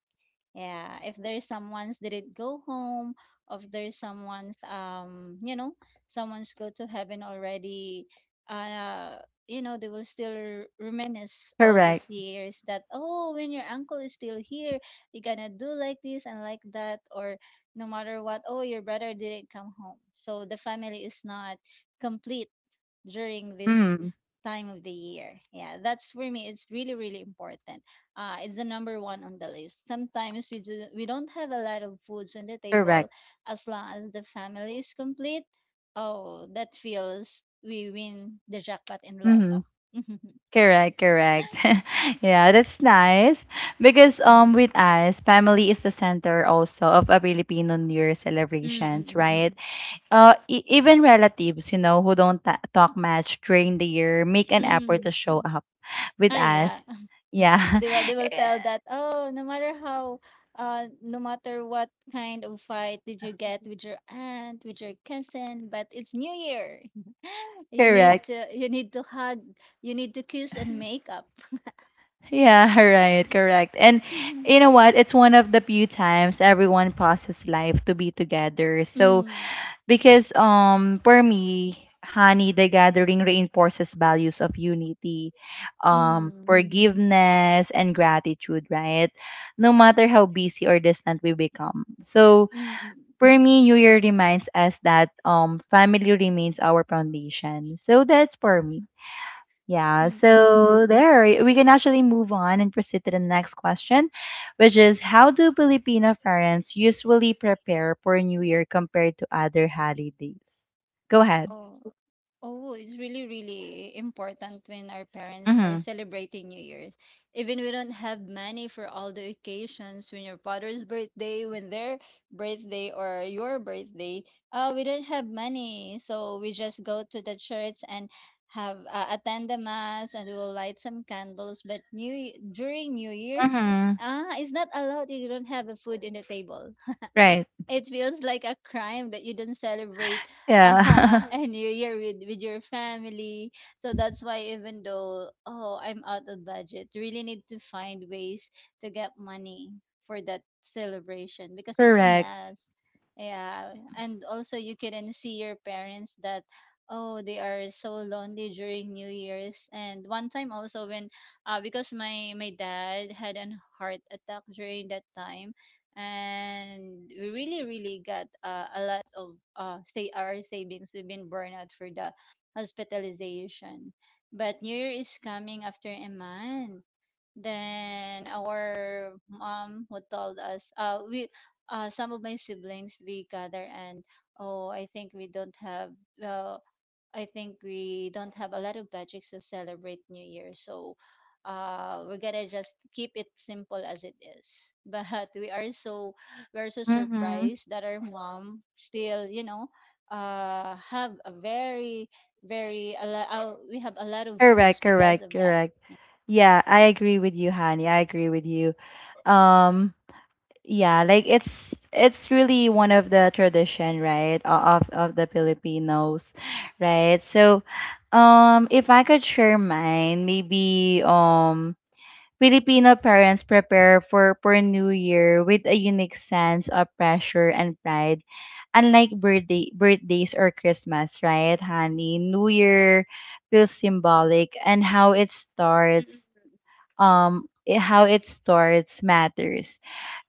[SPEAKER 2] Yeah, if there's someone's didn't go home, if there's someone's, you know, someone's go to heaven already, uh, you know, they will still reminisce all those
[SPEAKER 1] Correct.
[SPEAKER 2] years that, oh, when your uncle is still here, you're gonna do like this and like that. Or no matter what, oh, your brother didn't come home, so the family is not complete during this
[SPEAKER 1] Mm-hmm.
[SPEAKER 2] time of the year. Yeah, that's for me. It's really really important. It's the number one on the list. Sometimes we don't have a lot of foods on the table,
[SPEAKER 1] Correct.
[SPEAKER 2] as long as the family is complete. Oh, that feels we win the jackpot in
[SPEAKER 1] Mm-hmm.
[SPEAKER 2] lotto. *laughs*
[SPEAKER 1] Correct, correct. *laughs* yeah, that's nice. Because
[SPEAKER 2] Mm.
[SPEAKER 1] with us, family is the center also of a Filipino New Year
[SPEAKER 2] Mm, mm,
[SPEAKER 1] celebrations,
[SPEAKER 2] mm, mm.
[SPEAKER 1] right? Even relatives, you know, who don't talk much during the year, make an effort
[SPEAKER 2] Mm.
[SPEAKER 1] to show up with
[SPEAKER 2] Ah, yeah.
[SPEAKER 1] us. Yeah,
[SPEAKER 2] They will tell
[SPEAKER 1] *laughs*
[SPEAKER 2] that, oh, no matter how no matter what kind of fight did you get with your aunt, with your cousin, but it's New Year. *laughs* you need
[SPEAKER 1] correct.
[SPEAKER 2] to you need to hug, you need to kiss and make up.
[SPEAKER 1] Yeah, *laughs* right, correct. And
[SPEAKER 2] *laughs* Mm,
[SPEAKER 1] you know what? It's one of the few times everyone pauses life to be together. So
[SPEAKER 2] mm,
[SPEAKER 1] because for me, honey, the gathering reinforces values of unity,
[SPEAKER 2] mm,
[SPEAKER 1] forgiveness and gratitude, right? No matter how busy or distant we become. So
[SPEAKER 2] mm, mm, mm,
[SPEAKER 1] for me, New Year reminds us that family remains our foundation. So that's for me. Yeah,
[SPEAKER 2] mm, mm.
[SPEAKER 1] so there we can actually move on and proceed to the next question, which is, how do Filipino parents usually prepare for New Year compared to other holidays? Go ahead.
[SPEAKER 2] Oh, oh, it's really, really important when our parents are
[SPEAKER 1] Mhm.
[SPEAKER 2] celebrating New Year's. Even we don't have money for all the occasions, when your father's birthday, when their birthday or your birthday, we don't have money. So we just go to the church and have attend the mass and we will light some candles. But during New Year's,
[SPEAKER 1] Mhm.
[SPEAKER 2] it's not allowed if you don't have a food in the table.
[SPEAKER 1] Right.
[SPEAKER 2] It feels like a crime that you do not celebrate
[SPEAKER 1] Yeah.
[SPEAKER 2] *laughs*
[SPEAKER 1] *laughs*
[SPEAKER 2] a new year with your family. So that's why even though, oh, I'm out of budget, really need to find ways to get money for that celebration because it's a
[SPEAKER 1] correct.
[SPEAKER 2] mess. Yeah. And also you can see your parents that, oh, they are so lonely during New Year's. And one time also when, because my dad had an heart attack during that time, and we really really got, a lot of, say, our savings we've been burned out for the hospitalization. But New Year is coming after a month, then our mom who told us we some of my siblings we gather and, oh, I think we don't have uh I think we don't have a lot of budgets to celebrate New Year. So, we're gonna just keep it simple as it is. *laughs* But we're so
[SPEAKER 1] Mhm.
[SPEAKER 2] surprised that our mom still, have a very very a lo- we have a lot of foods
[SPEAKER 1] Correct,
[SPEAKER 2] because
[SPEAKER 1] correct,
[SPEAKER 2] of that.
[SPEAKER 1] correct. Yeah, I agree with you, Honey. I agree with you. Um Yeah, like it's really one of the tradition, right, of the Filipinos, right? So, if I could share mine, maybe Filipino parents prepare for New Year with a unique sense of pressure and pride, unlike birthdays or Christmas, right, honey? New Year feels symbolic, and how it starts, how it starts matters.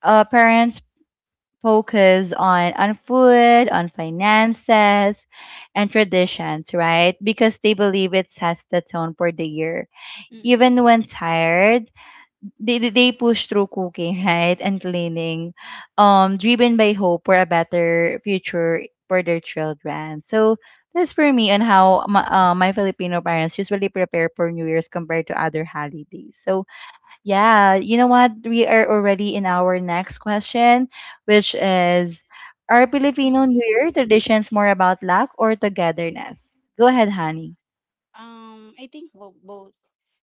[SPEAKER 1] Parents focus on food, on finances, and traditions, right? Because they believe it sets the tone for the year. Even
[SPEAKER 2] Mm-mm.
[SPEAKER 1] when tired, they push through cooking, *laughs* right, and cleaning, driven by hope for a better future for their children. So that's for me on how my, my Filipino parents usually prepare for New Year's compared to other holidays. So yeah, you know what? We are already in our next question, which is, are Filipino New
[SPEAKER 2] Mm-mm.
[SPEAKER 1] Year traditions more about luck or togetherness? Go ahead, honey.
[SPEAKER 2] I think both.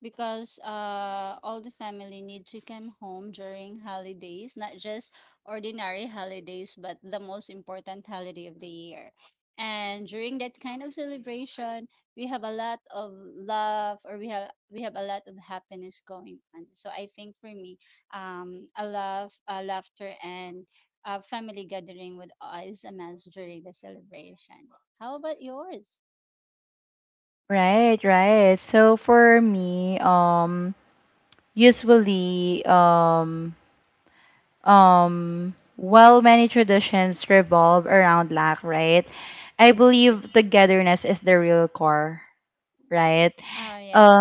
[SPEAKER 2] Because all the family need to come home during holidays, not just ordinary holidays, but the most important holiday of the year. And during that kind of celebration, we have a lot of love or we have a lot of happiness going on. So I think for me, a love, a laughter and a family gathering with us a during the celebration. How about yours?
[SPEAKER 1] Right, right. So for me, usually, while many traditions revolve around luck, right? I
[SPEAKER 2] Mm.
[SPEAKER 1] believe togetherness is the real core, right?
[SPEAKER 2] Oh, yeah, yeah.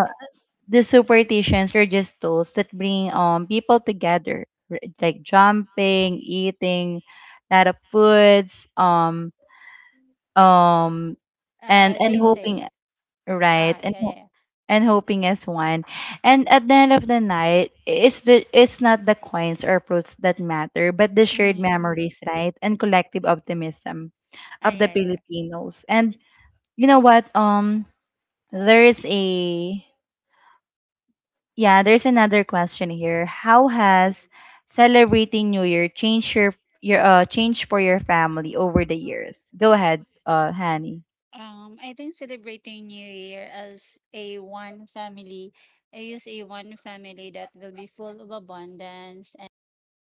[SPEAKER 1] The superstitions were just tools that bring people together, like jumping, eating a lot of foods, um, and
[SPEAKER 2] They say.
[SPEAKER 1] hoping right
[SPEAKER 2] Ah, yeah, yeah. Yeah.
[SPEAKER 1] and hoping as one. And at the end of the night, it's the it's not the coins or fruits that matter, but the shared
[SPEAKER 2] Mm-mm.
[SPEAKER 1] memories, right, and collective optimism
[SPEAKER 2] Ah,
[SPEAKER 1] of the
[SPEAKER 2] yeah, yeah.
[SPEAKER 1] Filipinos. And you know what? There is a Yeah, there's another question here. How has celebrating New Year changed your changed for your family over the years? Go ahead, Hani.
[SPEAKER 2] I think celebrating New Year as a one family, I use a one family that will be full of abundance,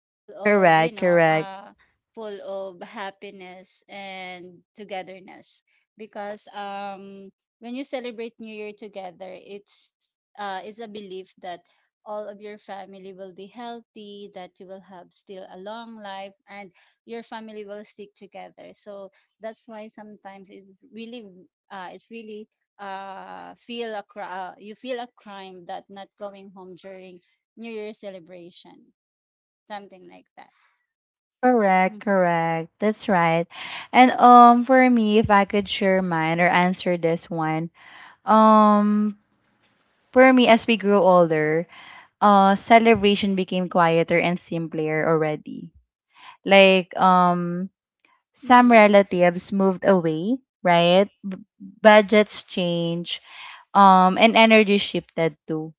[SPEAKER 2] full of,
[SPEAKER 1] Correct, correct,
[SPEAKER 2] full of happiness and togetherness. Because, when you celebrate New Year together, it's a belief that all of your family will be healthy, that you will have still a long life, and your family will stick together. So that's why sometimes it's really you feel a crime that not going home during New Year celebration, something like that.
[SPEAKER 1] correct,
[SPEAKER 2] Mhm.
[SPEAKER 1] correct. That's right. And for me, if I could share mine or answer this one, um, for me, as we grew older, celebration became quieter and simpler already. Like some
[SPEAKER 2] Mm.
[SPEAKER 1] relatives moved away, right? Budgets change, and energy shifted too.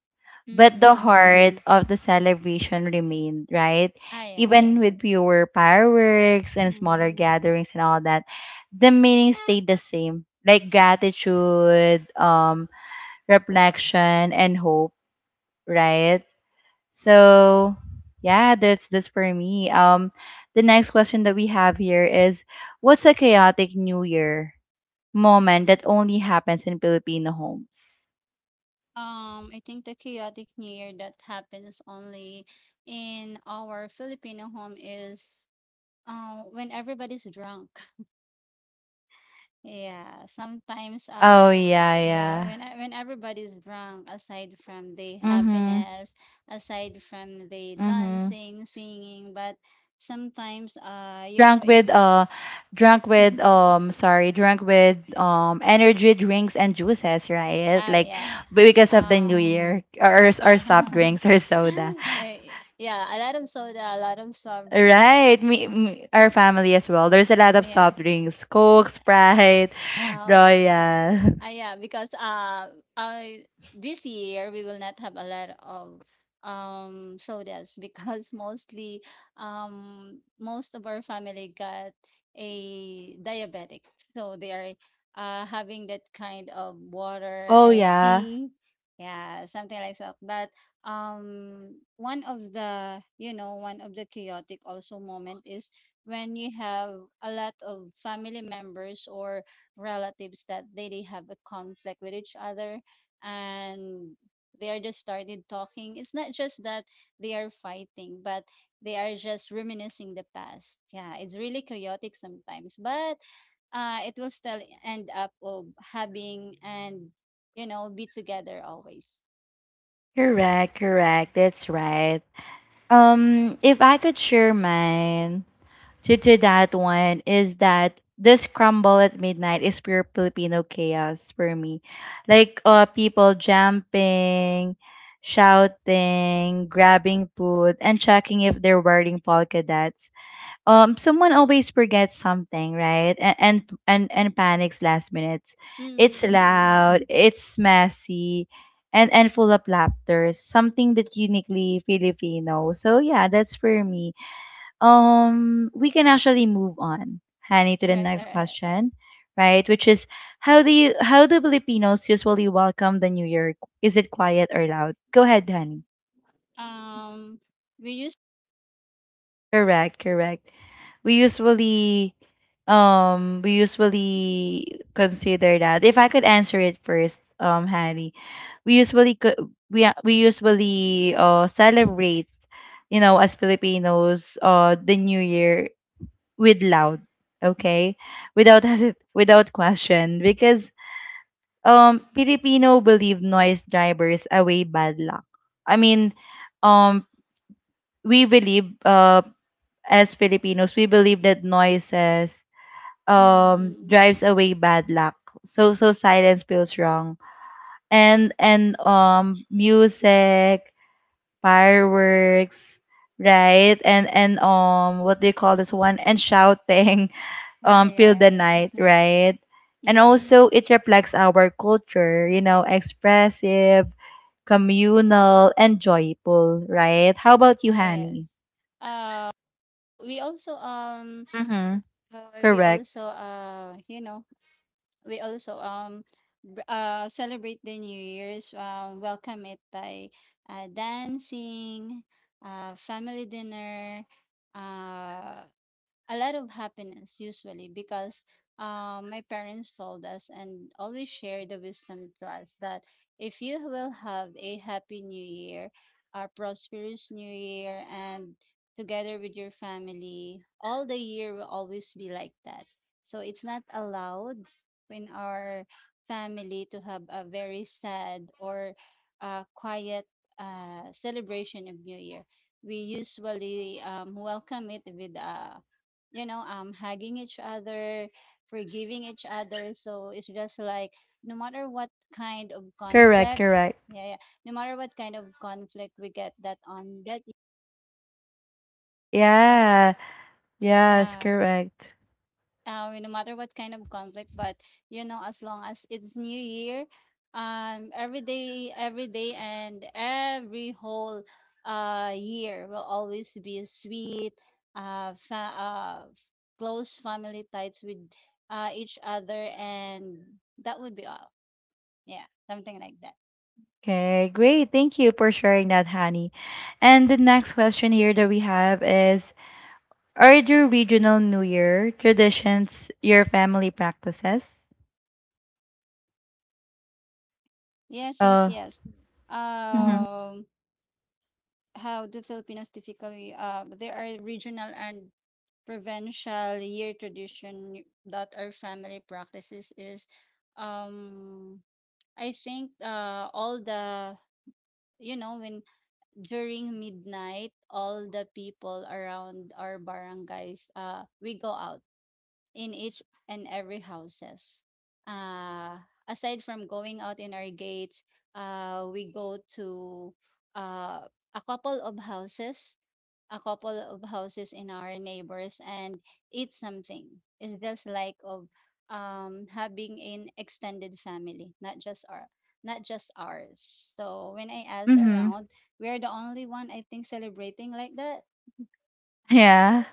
[SPEAKER 1] But
[SPEAKER 2] Mm,
[SPEAKER 1] the
[SPEAKER 2] mm, mm.
[SPEAKER 1] heart Mm-hmm. of the celebration remained, right?
[SPEAKER 2] Ay, ay.
[SPEAKER 1] Even with fewer fireworks and smaller
[SPEAKER 2] Mm.
[SPEAKER 1] gatherings and all that, the meaning stayed the same. Like gratitude, reflection, and hope, right? So yeah, that's for me. The next question that we have here is, what's a chaotic New Year moment that only happens in Filipino homes?
[SPEAKER 2] I think the chaotic New Year that happens only in our Filipino home is, when everybody's drunk. Yeah, sometimes
[SPEAKER 1] Oh yeah,
[SPEAKER 2] yeah,
[SPEAKER 1] yeah.
[SPEAKER 2] when everybody's drunk, aside from the
[SPEAKER 1] Mhm,
[SPEAKER 2] happiness, aside from the
[SPEAKER 1] mhm.
[SPEAKER 2] dancing, singing, but sometimes
[SPEAKER 1] Drunk
[SPEAKER 2] if
[SPEAKER 1] with uh, drunk with
[SPEAKER 2] *laughs*
[SPEAKER 1] sorry, drunk with energy drinks and juices, right?
[SPEAKER 2] oh,
[SPEAKER 1] Like
[SPEAKER 2] yeah.
[SPEAKER 1] because of the New Mm.
[SPEAKER 2] Um
[SPEAKER 1] Year or
[SPEAKER 2] oh.
[SPEAKER 1] soft drinks or
[SPEAKER 2] *laughs*
[SPEAKER 1] soda.
[SPEAKER 2] Yeah, a lot of soda, a lot of soft.
[SPEAKER 1] Right, me, me, our family as well. There's a lot of
[SPEAKER 2] Yeah.
[SPEAKER 1] soft drinks, Coke, Sprite, *laughs*
[SPEAKER 2] Oh.
[SPEAKER 1] Royal.
[SPEAKER 2] Ah, yeah, because I this year we will not have a lot of sodas because *laughs* mostly most of our family got a diabetic, so they are having that kind of water
[SPEAKER 1] Oh
[SPEAKER 2] and
[SPEAKER 1] yeah,
[SPEAKER 2] tea, yeah, something like that. But one of the you know one of the chaotic also moment is when you have a lot of family members or relatives that they have a conflict with each other and they are just started talking. It's not just that they are fighting but they are just reminiscing the past. Yeah, it's really chaotic sometimes but it will still end up of having and be together always.
[SPEAKER 1] correct, correct. That's right. If I could share mine to that one is that this crumble at midnight is pure Filipino chaos for me. Like people jumping, shouting, grabbing food, and checking if they're wearing polka dots. Someone always forgets something, right, and panics last minutes. It's
[SPEAKER 2] Mm-hmm, mm-hmm.
[SPEAKER 1] loud, it's messy, and full of laughter, something that uniquely Filipino. So yeah, that's for me. We can actually move on, honey, to
[SPEAKER 2] All
[SPEAKER 1] the
[SPEAKER 2] right, all
[SPEAKER 1] next
[SPEAKER 2] right.
[SPEAKER 1] question, right which is, how do Filipinos usually welcome the new year? Is it quiet or loud? Go ahead, honey.
[SPEAKER 2] Um we used
[SPEAKER 1] Correct, correct. We usually we usually consider that. If I could answer it first, Hattie, we usually co- we a- we usually celebrate, you know, as Filipinos, the new year with loud, okay? Without *laughs* without question, because Filipino believe noise drivers away bad luck. I mean, um we believe as Filipinos, we believe that noises
[SPEAKER 2] mm-hmm, mm-hmm.
[SPEAKER 1] drives away bad luck. So silence feels wrong. And music, fireworks, right? And what do you call this one? And shouting *laughs*
[SPEAKER 2] Ah,
[SPEAKER 1] fill the
[SPEAKER 2] yeah, yeah.
[SPEAKER 1] night, right? And
[SPEAKER 2] Mm-hmm.
[SPEAKER 1] also it reflects our culture, you know, expressive, communal, and joyful, right? How about you,
[SPEAKER 2] Ah, yes.
[SPEAKER 1] Hani?
[SPEAKER 2] Uh, So we also,
[SPEAKER 1] Mm-hmm.
[SPEAKER 2] we
[SPEAKER 1] Correct.
[SPEAKER 2] also, we also, celebrate the New Year's, welcome it by dancing, family dinner, uh, a lot of happiness usually because my parents told us and always share the wisdom to us that if you will have a happy new year, a prosperous new year, and together with your family, all the year will always be like that. So it's not allowed in our family to have a very sad or quiet celebration of New Year. We usually welcome it with a hugging each other, forgiving each other. So it's just like no matter what kind of
[SPEAKER 1] Correct,
[SPEAKER 2] conflict,
[SPEAKER 1] correct.
[SPEAKER 2] yeah, yeah, no matter what kind of conflict we get that on that, you know,
[SPEAKER 1] Yeah, yes,
[SPEAKER 2] uh,
[SPEAKER 1] correct.
[SPEAKER 2] No matter what kind of conflict. But you know, as long as it's New Year, every day, and every whole year will always be sweet, uh, fa- uh, close family ties with each other, and that would be all. Yeah, something like that.
[SPEAKER 1] Okay, great. Thank you for sharing that, honey. And the next question here that we have is, are there regional New Year traditions your family practices?
[SPEAKER 2] Yes, yes,
[SPEAKER 1] Oh,
[SPEAKER 2] yes.
[SPEAKER 1] mm-hmm. Mhm.
[SPEAKER 2] Um, how do Filipinos typically? There are regional and provincial year tradition that our family practices is um I think all the when during midnight all the people around our barangays we go out in each and every houses. Uh, Aside from going out in our gates, we go to uh, a couple of houses, a couple of houses in our neighbors and eat something. It's just like of having an extended family, not just ours. So when I ask
[SPEAKER 1] Mm-hmm.
[SPEAKER 2] around, we are the only one I think celebrating like that.
[SPEAKER 1] Yeah,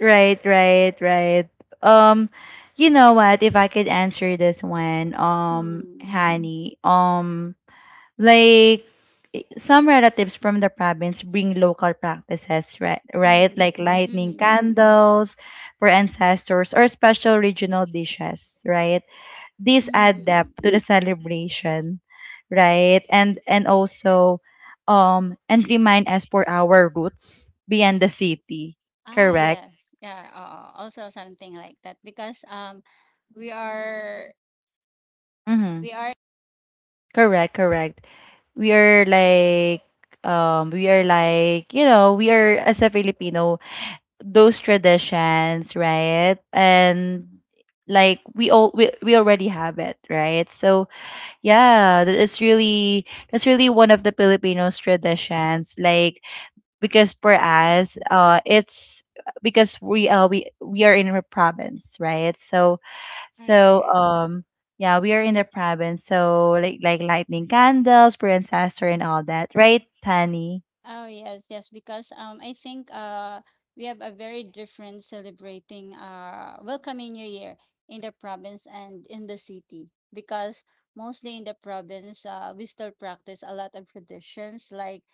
[SPEAKER 1] right, right, right. Um, you know what? If I could answer this one,
[SPEAKER 2] Mm.
[SPEAKER 1] honey, like some relatives from the province bring local practices, right? Right?
[SPEAKER 2] Mm.
[SPEAKER 1] Like lighting
[SPEAKER 2] Mm.
[SPEAKER 1] candles for ancestors or special regional dishes, right? These add
[SPEAKER 2] Mm.
[SPEAKER 1] depth to the celebration, right? And also and remind us for our roots beyond the city.
[SPEAKER 2] Ah,
[SPEAKER 1] Correct?
[SPEAKER 2] yes. Yeah, oo. Also something like that because um we are
[SPEAKER 1] Mhm.
[SPEAKER 2] we are
[SPEAKER 1] Correct, correct. We are like we are like, you know, we are as a Filipino those traditions, right? And like we already have it, right? So yeah, it's really that's really one of the Filipinos traditions. Like because for us, it's because we are in a province, right? So
[SPEAKER 2] ah,
[SPEAKER 1] so
[SPEAKER 2] yeah.
[SPEAKER 1] Yeah, we are in the province, so like lightning candles, for ancestor, and all that, right, Tani?
[SPEAKER 2] Oh yes, yes, because I think we have a very different celebrating welcoming New Year in the province and in the city because mostly in the province we still practice a lot of traditions like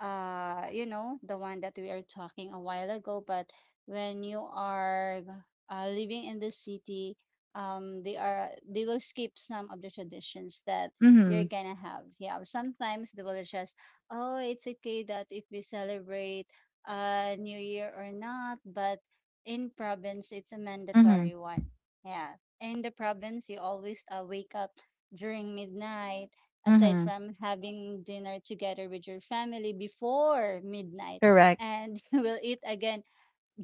[SPEAKER 2] the one that we are talking a while ago but when you are living in the city um, they will skip some of the traditions that you're
[SPEAKER 1] Mm-hmm.
[SPEAKER 2] gonna have. Yeah, sometimes they will just oh, it's okay that if we celebrate New Year or not, but in province, it's a
[SPEAKER 1] Mm-hmm.
[SPEAKER 2] mandatory one. Yeah. In the province, you always wake up during midnight, aside
[SPEAKER 1] Mm-hmm.
[SPEAKER 2] from having dinner together with your family before midnight.
[SPEAKER 1] Correct.
[SPEAKER 2] And *laughs* you will eat again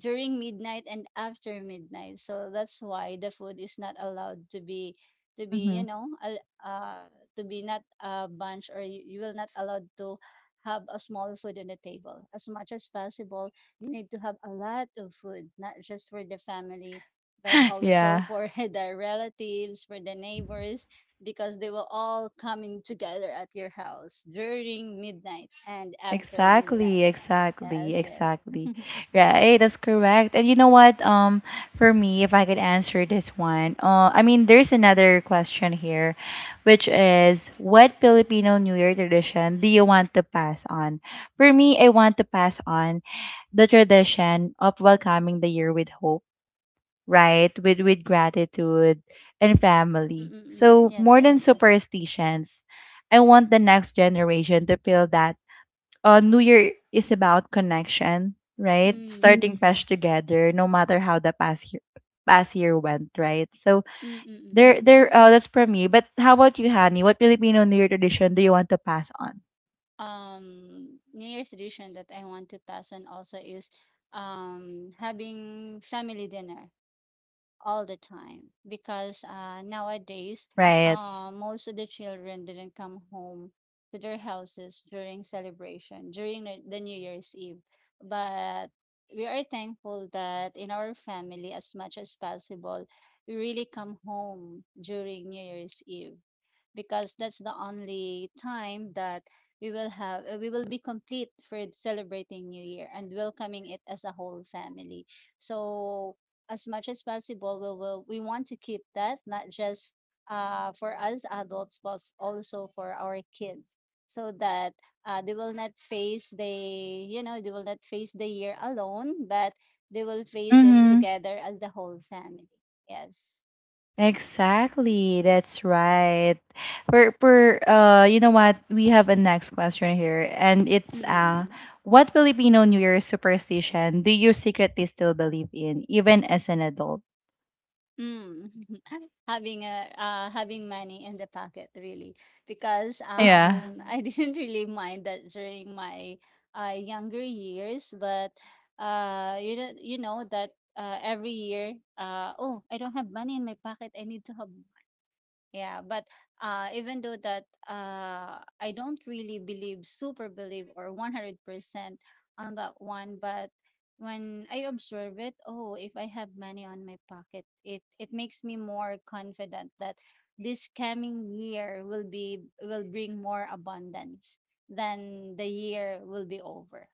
[SPEAKER 2] during midnight and after midnight. So that's why the food is not allowed to be to be
[SPEAKER 1] Mm-hmm.
[SPEAKER 2] you know al- uh to be not a bunch or you will not allowed to have a small food on the table. As much as possible, you need to have a lot of food, not just for the family, but
[SPEAKER 1] *laughs*
[SPEAKER 2] also
[SPEAKER 1] Yeah.
[SPEAKER 2] for *laughs* the relatives, for the neighbors, because they will all coming together at your house during midnight and after
[SPEAKER 1] Exactly,
[SPEAKER 2] midnight.
[SPEAKER 1] exactly,
[SPEAKER 2] Yes, yes.
[SPEAKER 1] exactly.
[SPEAKER 2] *laughs*
[SPEAKER 1] Right, that's correct. And you know what? For me, if I could answer this one, I mean, there's another question here, which is, what Filipino New Year tradition do you want to pass on? For me, I want to pass on the tradition of welcoming the year with hope, right? With gratitude and
[SPEAKER 2] Mm,
[SPEAKER 1] family.
[SPEAKER 2] mm.
[SPEAKER 1] So
[SPEAKER 2] Yes,
[SPEAKER 1] more
[SPEAKER 2] yes,
[SPEAKER 1] than
[SPEAKER 2] yes.
[SPEAKER 1] superstitions, I want the next generation to feel that New Year is about connection, right?
[SPEAKER 2] Mm,
[SPEAKER 1] Starting Mm. fresh together, no matter how the past year went, right? So
[SPEAKER 2] mm, mm, mm, mm.
[SPEAKER 1] there,
[SPEAKER 2] Mm.
[SPEAKER 1] there. That's for me. But how about you, Hani? What Filipino New Year tradition do you want to pass on?
[SPEAKER 2] New Year's tradition that I want to pass on also is having family dinner all the time because nowadays
[SPEAKER 1] Right.
[SPEAKER 2] most of the children didn't come home to their houses during celebration during the New Year's Eve. But we are thankful that in our family, as much as possible, we really come home during New Year's Eve because that's the only time that we will have we will be complete for celebrating New Year and welcoming it as a whole family. So as much as possible, we want to keep that not just for us adults, but also for our kids, so that they will not face the they will not face the year alone, but they will face it
[SPEAKER 1] Mm-hmm.
[SPEAKER 2] together as the whole family. Yes.
[SPEAKER 1] Exactly, that's right. For you know what? We have a next question here, and it's
[SPEAKER 2] Mm.
[SPEAKER 1] what Filipino New Year superstition do you secretly still believe in, even as an adult?
[SPEAKER 2] Mm. *laughs* Having a having money in the pocket really because
[SPEAKER 1] Yeah. Yeah.
[SPEAKER 2] *laughs* I didn't really mind that during my younger years but you know that every year oh I don't have money in my pocket I need to have. Yeah, but even though that I don't really believe, super believe, or 100% on that one, but when I observe it, oh, if I have money on my pocket, it makes me more confident that this coming year will be will bring more abundance than the year will be over.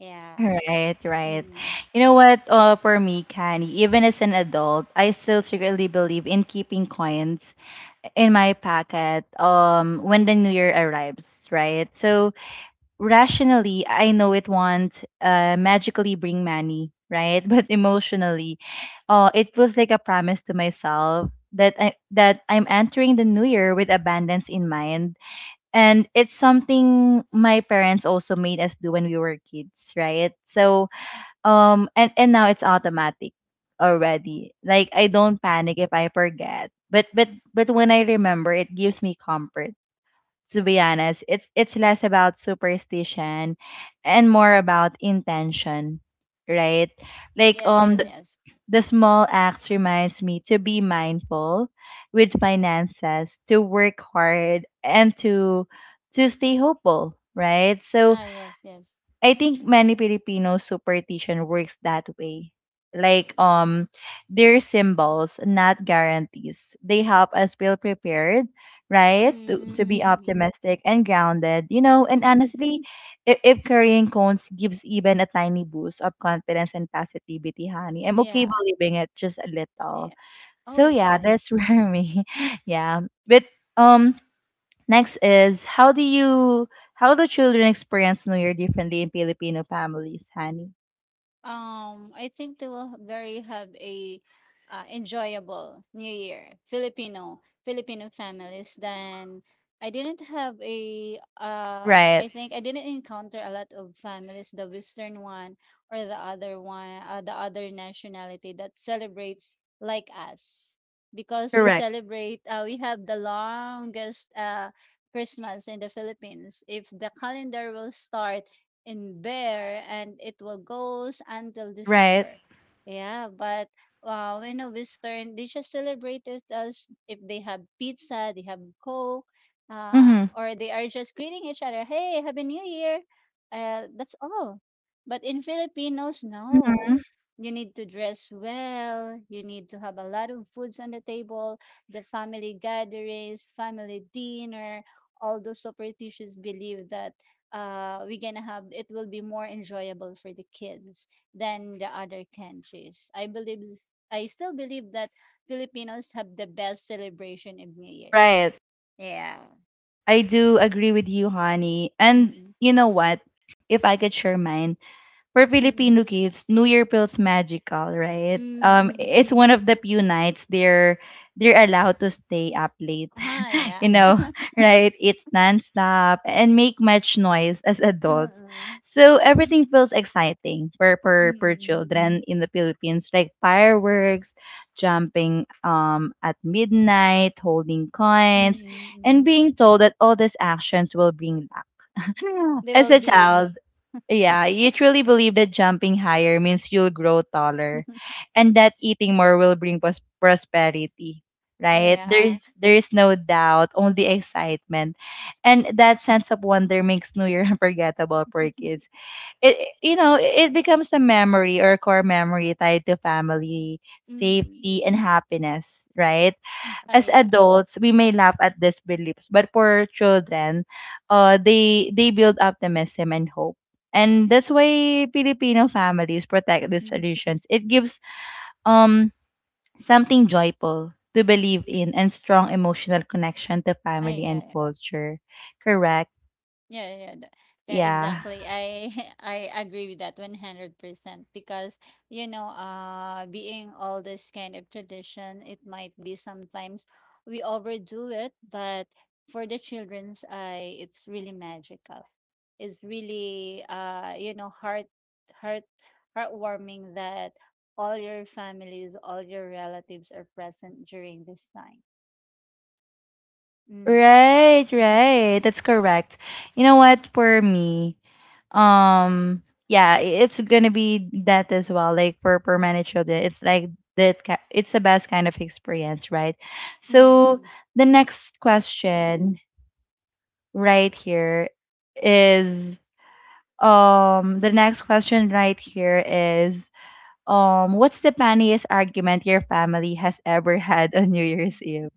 [SPEAKER 2] Yeah.
[SPEAKER 1] Right, right.
[SPEAKER 2] Mm.
[SPEAKER 1] You know what? For me, Kenny, even as an adult, I still secretly believe in keeping coins in my pocket. When the New Year arrives, right? So rationally, I know it won't magically bring money, right? *laughs* But emotionally, it was like a promise to myself that I'm entering the new year with abundance in mind, and it's something my parents also made us do when we were kids, right? So, and now it's automatic already. Like I don't panic if I forget. But when I remember, it gives me comfort. To be honest, it's less about superstition and more about intention, right?
[SPEAKER 2] Oh
[SPEAKER 1] Like
[SPEAKER 2] yes, yes, yes.
[SPEAKER 1] the small acts reminds me to be mindful with finances, to work hard and to stay hopeful, right? So
[SPEAKER 2] Ah, yes, yes.
[SPEAKER 1] I think many Filipino superstition works that way. Like they're symbols, not guarantees. They help us feel prepared, right?
[SPEAKER 2] Mm,
[SPEAKER 1] To
[SPEAKER 2] mm,
[SPEAKER 1] be
[SPEAKER 2] mm, mm,
[SPEAKER 1] optimistic and grounded, you know,
[SPEAKER 2] mm.
[SPEAKER 1] and
[SPEAKER 2] Mm, mm.
[SPEAKER 1] honestly, if carrying cones gives even a tiny boost of confidence and positivity, honey, I'm okay
[SPEAKER 2] Yeah,
[SPEAKER 1] believing it just a little.
[SPEAKER 2] yeah. Oh
[SPEAKER 1] So yeah, that's *laughs*
[SPEAKER 2] yes.
[SPEAKER 1] for me. Yeah. But um Next is how do children experience New Year differently in Filipino families, honey?
[SPEAKER 2] I think they will very have a enjoyable New Year, Filipino families. Then I didn't have a I
[SPEAKER 1] Right.
[SPEAKER 2] think I didn't encounter a lot of families, the Western one or the other one, the other nationality that celebrates like us, because we
[SPEAKER 1] Correct.
[SPEAKER 2] celebrate. We have the longest Christmas in the Philippines. If the calendar will start in there and it will goes until
[SPEAKER 1] Right.
[SPEAKER 2] December. Yeah, but when a Western, they just celebrate it as if they have pizza, they have Coke,
[SPEAKER 1] Mm-hmm.
[SPEAKER 2] or they are just greeting each other, hey, Happy New Year. That's all. But in Filipinos, no.
[SPEAKER 1] Mm-hmm.
[SPEAKER 2] You need to dress well. You need to have a lot of foods on the table, the family gatherings, family dinner, all those superstitious believe that we're gonna have it will be more enjoyable for the kids than the other countries. I believe I still believe that Filipinos have the best celebration of New Year.
[SPEAKER 1] Right.
[SPEAKER 2] Yeah.
[SPEAKER 1] I do agree with you, honey. And
[SPEAKER 2] Mm-mm.
[SPEAKER 1] you know what? If I could share mine, for
[SPEAKER 2] Mm-mm.
[SPEAKER 1] Filipino kids, New Year feels magical, right? It's
[SPEAKER 2] Mm-mm.
[SPEAKER 1] one of the few nights they're allowed to stay up late,
[SPEAKER 2] Ah,
[SPEAKER 1] *laughs*
[SPEAKER 2] yeah.
[SPEAKER 1] you know, right? It's nonstop and make much noise as adults,
[SPEAKER 2] Mm-mm.
[SPEAKER 1] so everything feels exciting for
[SPEAKER 2] Mm-mm.
[SPEAKER 1] children in the Philippines, like fireworks, jumping at midnight, holding coins, and
[SPEAKER 2] Mm-mm.
[SPEAKER 1] being told that all these actions will bring luck. *laughs*
[SPEAKER 2] They
[SPEAKER 1] As
[SPEAKER 2] will
[SPEAKER 1] a
[SPEAKER 2] be
[SPEAKER 1] child, yeah, you truly believe that jumping higher means you'll grow taller
[SPEAKER 2] *laughs*
[SPEAKER 1] and that eating more will bring prosperity, right? There's
[SPEAKER 2] yeah.
[SPEAKER 1] there's no doubt, only excitement. And that sense of wonder makes New Year *laughs* unforgettable for kids. You know, it becomes a memory or a core memory tied to family,
[SPEAKER 2] Mm.
[SPEAKER 1] safety and happiness, right?
[SPEAKER 2] Oh
[SPEAKER 1] As
[SPEAKER 2] yeah.
[SPEAKER 1] adults we may laugh at these beliefs, but for children they build optimism and hope, and that's why Filipino families protect these
[SPEAKER 2] Mm.
[SPEAKER 1] traditions. It gives um something joyful to believe in and strong emotional connection to
[SPEAKER 2] Oh
[SPEAKER 1] family and
[SPEAKER 2] yeah.
[SPEAKER 1] culture. Correct.
[SPEAKER 2] Yeah, yeah, yeah,
[SPEAKER 1] Yeah,
[SPEAKER 2] exactly. I *laughs* I agree with that 100% because you know, being all this kind of tradition, it might be sometimes we overdo it, but for the children's eye, it's really magical. It's really heart heartwarming that all your families, all your relatives are present during this time. Mm.
[SPEAKER 1] right,
[SPEAKER 2] *laughs*
[SPEAKER 1] right, that's correct. You know what, for me, um yeah, it's gonna be that as well. Like for permanent children it's like that it's the best kind of experience, right? So
[SPEAKER 2] Mm.
[SPEAKER 1] the next question right here is the next question right here is what's the funniest argument your family has ever had on new year's eve?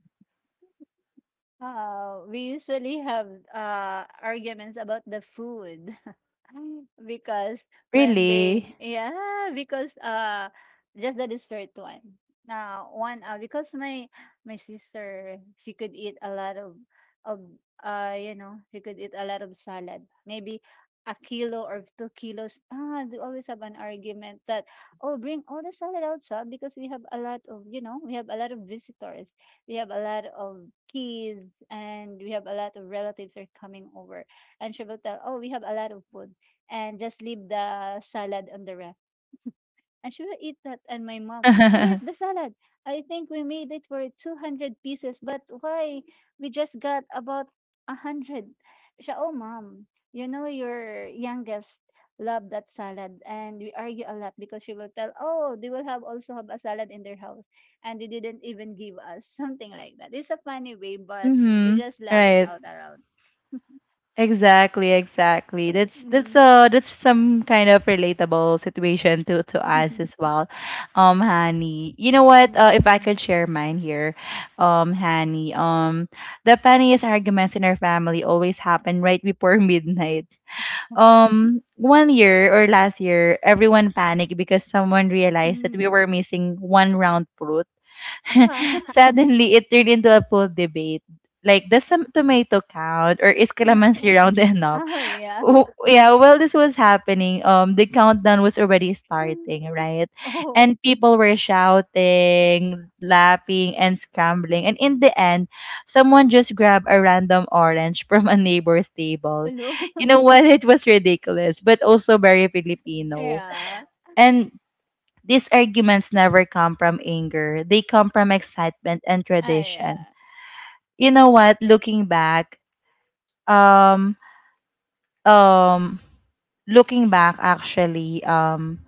[SPEAKER 2] We usually have arguments about the food *laughs* because when they
[SPEAKER 1] Really?
[SPEAKER 2] yeah because just the dessert one now one because my sister she could eat a lot of of she could eat a lot of salad maybe a kilo or 2 kilos. Ah, they always have an argument that oh bring all the salad outside because we have a lot of we have a lot of visitors, we have a lot of kids, and we have a lot of relatives are coming over, and she will tell oh we have a lot of food and just leave the salad on the I should have eat that. And my mom, oh, where's the
[SPEAKER 1] *laughs*
[SPEAKER 2] salad? I think we made it for 200 pieces, but why? We just got about 100. Siya, oh, mom, you know your youngest love that salad. And we argue a lot because she will tell, oh, they will have also have a salad in their house. And they didn't even give us *laughs* something like that. It's a funny way, but we
[SPEAKER 1] Mm-hmm.
[SPEAKER 2] just laugh it
[SPEAKER 1] Right.
[SPEAKER 2] out around.
[SPEAKER 1] Exactly, exactly.
[SPEAKER 2] Mm.
[SPEAKER 1] That's some kind of relatable situation to
[SPEAKER 2] *laughs*
[SPEAKER 1] us as well. Hani, you know what?
[SPEAKER 2] Mm.
[SPEAKER 1] If I could share mine here, um Hani, um the funniest arguments in our family always happen right before *laughs* midnight. One year or last year, everyone panicked because someone realized that we
[SPEAKER 2] Mm.
[SPEAKER 1] were missing one round fruit. *laughs*
[SPEAKER 2] Ah.
[SPEAKER 1] Suddenly, it turned into a full debate like, does some tomato count, or is calamansi round *laughs*
[SPEAKER 2] *laughs*
[SPEAKER 1] enough?
[SPEAKER 2] Oh, yeah.
[SPEAKER 1] Yeah, while this was happening, the countdown was already
[SPEAKER 2] *laughs*
[SPEAKER 1] starting, right?
[SPEAKER 2] Oh,
[SPEAKER 1] And people were shouting, laughing, and scrambling. And in the end, someone just grabbed a random orange from a neighbor's table.
[SPEAKER 2] hello?
[SPEAKER 1] You know
[SPEAKER 2] *laughs*
[SPEAKER 1] what? *laughs* It was ridiculous, but also very Filipino.
[SPEAKER 2] Yeah.
[SPEAKER 1] And these arguments never come from anger; they come from excitement and
[SPEAKER 2] Ah,
[SPEAKER 1] tradition.
[SPEAKER 2] yeah.
[SPEAKER 1] You know what? Um, um looking back actually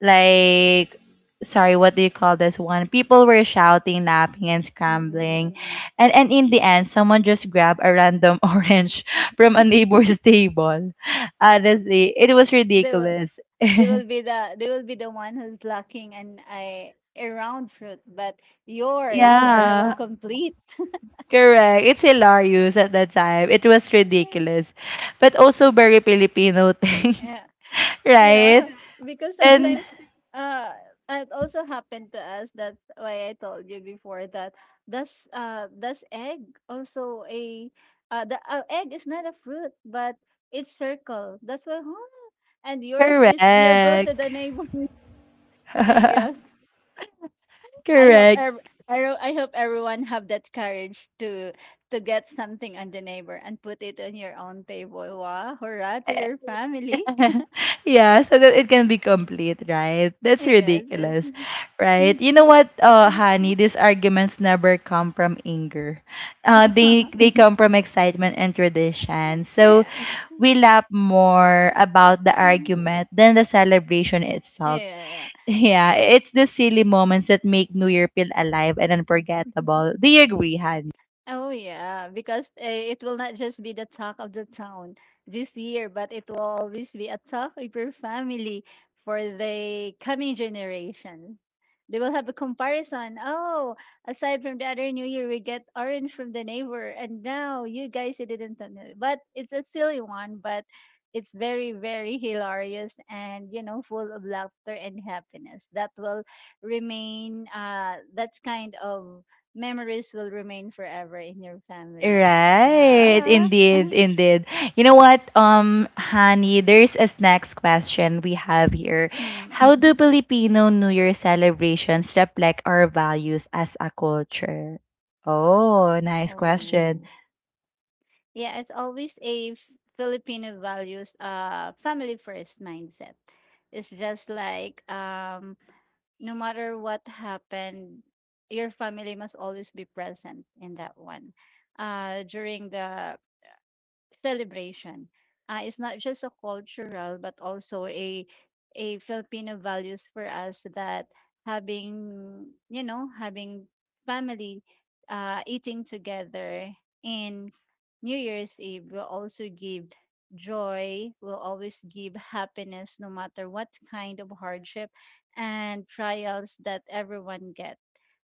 [SPEAKER 1] like sorry, what do you call this one, people were shouting, napping and
[SPEAKER 2] Mm, mm,
[SPEAKER 1] scrambling,
[SPEAKER 2] mm, mm.
[SPEAKER 1] and in the end someone just grabbed a random *laughs* orange from a neighbor's table. Honestly, it was
[SPEAKER 2] They will
[SPEAKER 1] ridiculous,
[SPEAKER 2] they will be the they will be the one who's lacking and I a round fruit, but yours are will
[SPEAKER 1] yeah.
[SPEAKER 2] complete.
[SPEAKER 1] Correct, it's hilarious. At that time it was
[SPEAKER 2] Oh, really?
[SPEAKER 1] ridiculous, but also very Filipino thing.
[SPEAKER 2] Yeah.
[SPEAKER 1] *laughs* Right
[SPEAKER 2] Yeah. Because
[SPEAKER 1] and
[SPEAKER 2] sometimes uh it also happened to us. That's why I told you before that does egg also a the egg is not a fruit, but it's circle. That's why huh? And yours is you go to
[SPEAKER 1] correct.
[SPEAKER 2] the neighbor and girls.
[SPEAKER 1] *laughs*
[SPEAKER 2] I hope
[SPEAKER 1] Correct.
[SPEAKER 2] ev- I hope everyone have that courage to get something on the neighbor and put it on your own table. Wow, hurrah to your family.
[SPEAKER 1] *laughs* Yeah, so that it can be complete, right?
[SPEAKER 2] *laughs*
[SPEAKER 1] That's
[SPEAKER 2] Yes, yes.
[SPEAKER 1] ridiculous, right? You know what, honey, these arguments never come from anger. Uh, they
[SPEAKER 2] *laughs*
[SPEAKER 1] they come from excitement and tradition. So
[SPEAKER 2] Yeah.
[SPEAKER 1] we laugh more about the argument than the celebration
[SPEAKER 2] Yeah.
[SPEAKER 1] itself. *laughs*
[SPEAKER 2] Yeah.
[SPEAKER 1] Yeah, it's the silly moments that make New Year feel alive and unforgettable.
[SPEAKER 2] *laughs*
[SPEAKER 1] Do you agree, honey?
[SPEAKER 2] Oh yeah, because it will not just be the talk of the town this year, but it will always be a talk of your family for the coming generations. They will have a comparison. Oh, aside from the other New Year, we get orange from the neighbor, and now you guys you didn't know it." But it's a silly one, but it's very very hilarious and you know full of laughter and happiness. That will remain that kind of memories will remain forever in your family.
[SPEAKER 1] Right,
[SPEAKER 2] No. *laughs*
[SPEAKER 1] indeed, indeed. You know what, honey, there's a next question we have here.
[SPEAKER 2] Mm,
[SPEAKER 1] How do Filipino New Year celebrations reflect our values as a culture? Oh, nice question.
[SPEAKER 2] oh. Yeah, it's always a Filipino values family first mindset. It's just like no matter what happened, your family must always be present in that one. During the celebration. It's not just a cultural, but also a Filipino values for us that having having family, eating together in New Year's Eve will also give joy, will always give happiness, no matter what kind of hardship and trials that everyone get.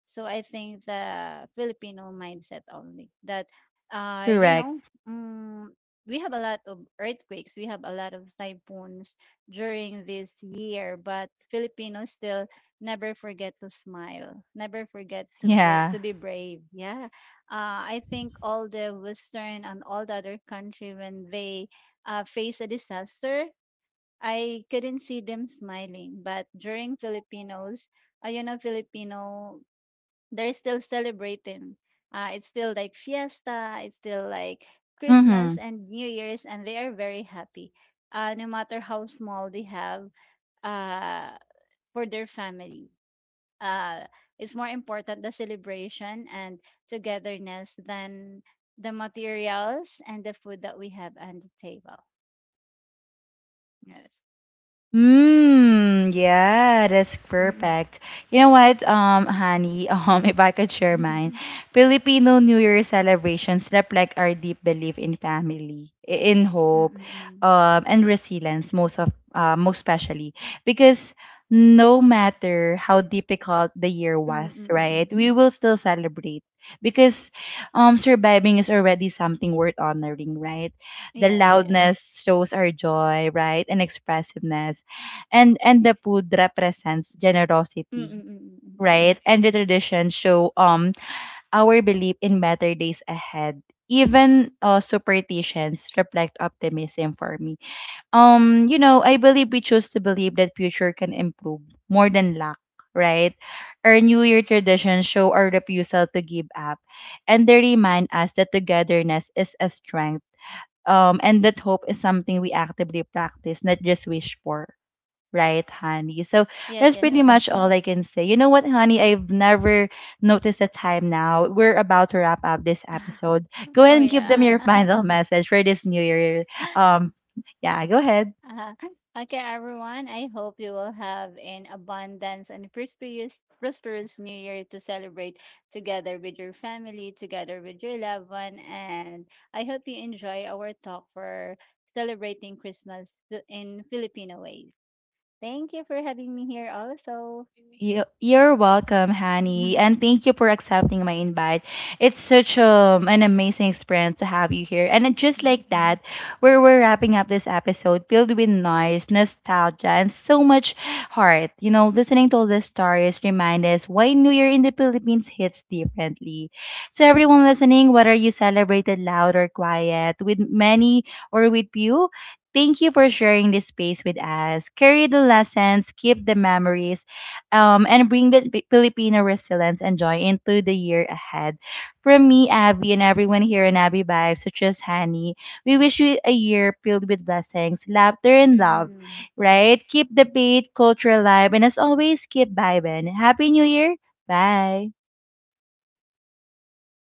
[SPEAKER 2] So I think the Filipino mindset only that uh you
[SPEAKER 1] Correct.
[SPEAKER 2] know. Mm, we have a lot of earthquakes, we have a lot of typhoons during this year, but Filipinos still never forget to smile, never forget to
[SPEAKER 1] Yeah.
[SPEAKER 2] to be brave. Yeah, I think all the Western and all the other country when they face a disaster, I couldn't see them smiling, but during Filipinos. You know, Filipino they're still celebrating. It's still like fiesta, it's still like
[SPEAKER 1] Mm-hmm.
[SPEAKER 2] Christmas and New Year's, and they are very happy, no matter how small they have uh, for their family. Uh, it's more important the celebration and togetherness than the materials and the food that we have on the table. Yes. Mm.
[SPEAKER 1] Mm, yeah, that's
[SPEAKER 2] Mm-mm.
[SPEAKER 1] perfect. You know what, honey, *laughs* if I could share mine,
[SPEAKER 2] *laughs*
[SPEAKER 1] Filipino New Year celebrations reflect our deep belief in family, in hope,
[SPEAKER 2] Mm-mm-mm.
[SPEAKER 1] and resilience. Most of, most especially because no matter how difficult the year was,
[SPEAKER 2] Mm-mm-mm.
[SPEAKER 1] right, we will still celebrate because, surviving is already something worth honoring, right? The
[SPEAKER 2] Yes, yes.
[SPEAKER 1] loudness shows our joy, right, and expressiveness, and the food represents generosity,
[SPEAKER 2] Mm-mm-mm.
[SPEAKER 1] right, and the traditions show our belief in better days ahead. Even superstitions reflect optimism for me. You know, I believe we choose to believe that future can improve more than lack, right? Our new year traditions show our refusal to give up, and they remind us that togetherness is a strength, and that hope is something we actively practice, not just wish for, right, honey. So
[SPEAKER 2] Yes,
[SPEAKER 1] that's
[SPEAKER 2] yes,
[SPEAKER 1] pretty
[SPEAKER 2] yes.
[SPEAKER 1] much all I can say. You know what, honey? I've never noticed the time now. We're about to wrap up this episode.
[SPEAKER 2] *laughs*
[SPEAKER 1] Go
[SPEAKER 2] Oh,
[SPEAKER 1] ahead and give them
[SPEAKER 2] yeah.
[SPEAKER 1] your *laughs* final message for this new year.
[SPEAKER 2] *laughs*
[SPEAKER 1] Um, yeah, go ahead.
[SPEAKER 2] Uh, okay, everyone. I hope you will have an abundance and prosperous New Year to celebrate together with your family, together with your loved one. And I hope you enjoy our talk for celebrating Christmas in Filipino ways. Thank you for having me here also.
[SPEAKER 1] You, you're welcome, Hani, and
[SPEAKER 2] *laughs*
[SPEAKER 1] thank you for accepting my invite. It's such an amazing experience to have you here. And just like that, where we're wrapping up this episode filled with noise, nostalgia, and so much heart. You know, listening to all these stories remind us why New Year in the Philippines hits differently. So everyone listening, whether you celebrated loud or quiet, with many or with few, thank you for sharing this space with us. Carry the lessons, keep the memories, and bring the Filipino resilience and joy into the year ahead. From me, Abby, and everyone here in Abby Vibes, such as Hani, we wish you a year filled with blessings, laughter, and love,
[SPEAKER 2] Mm.
[SPEAKER 1] right? Keep the faith, culture alive, and as always, keep vibing. Happy New Year! Bye!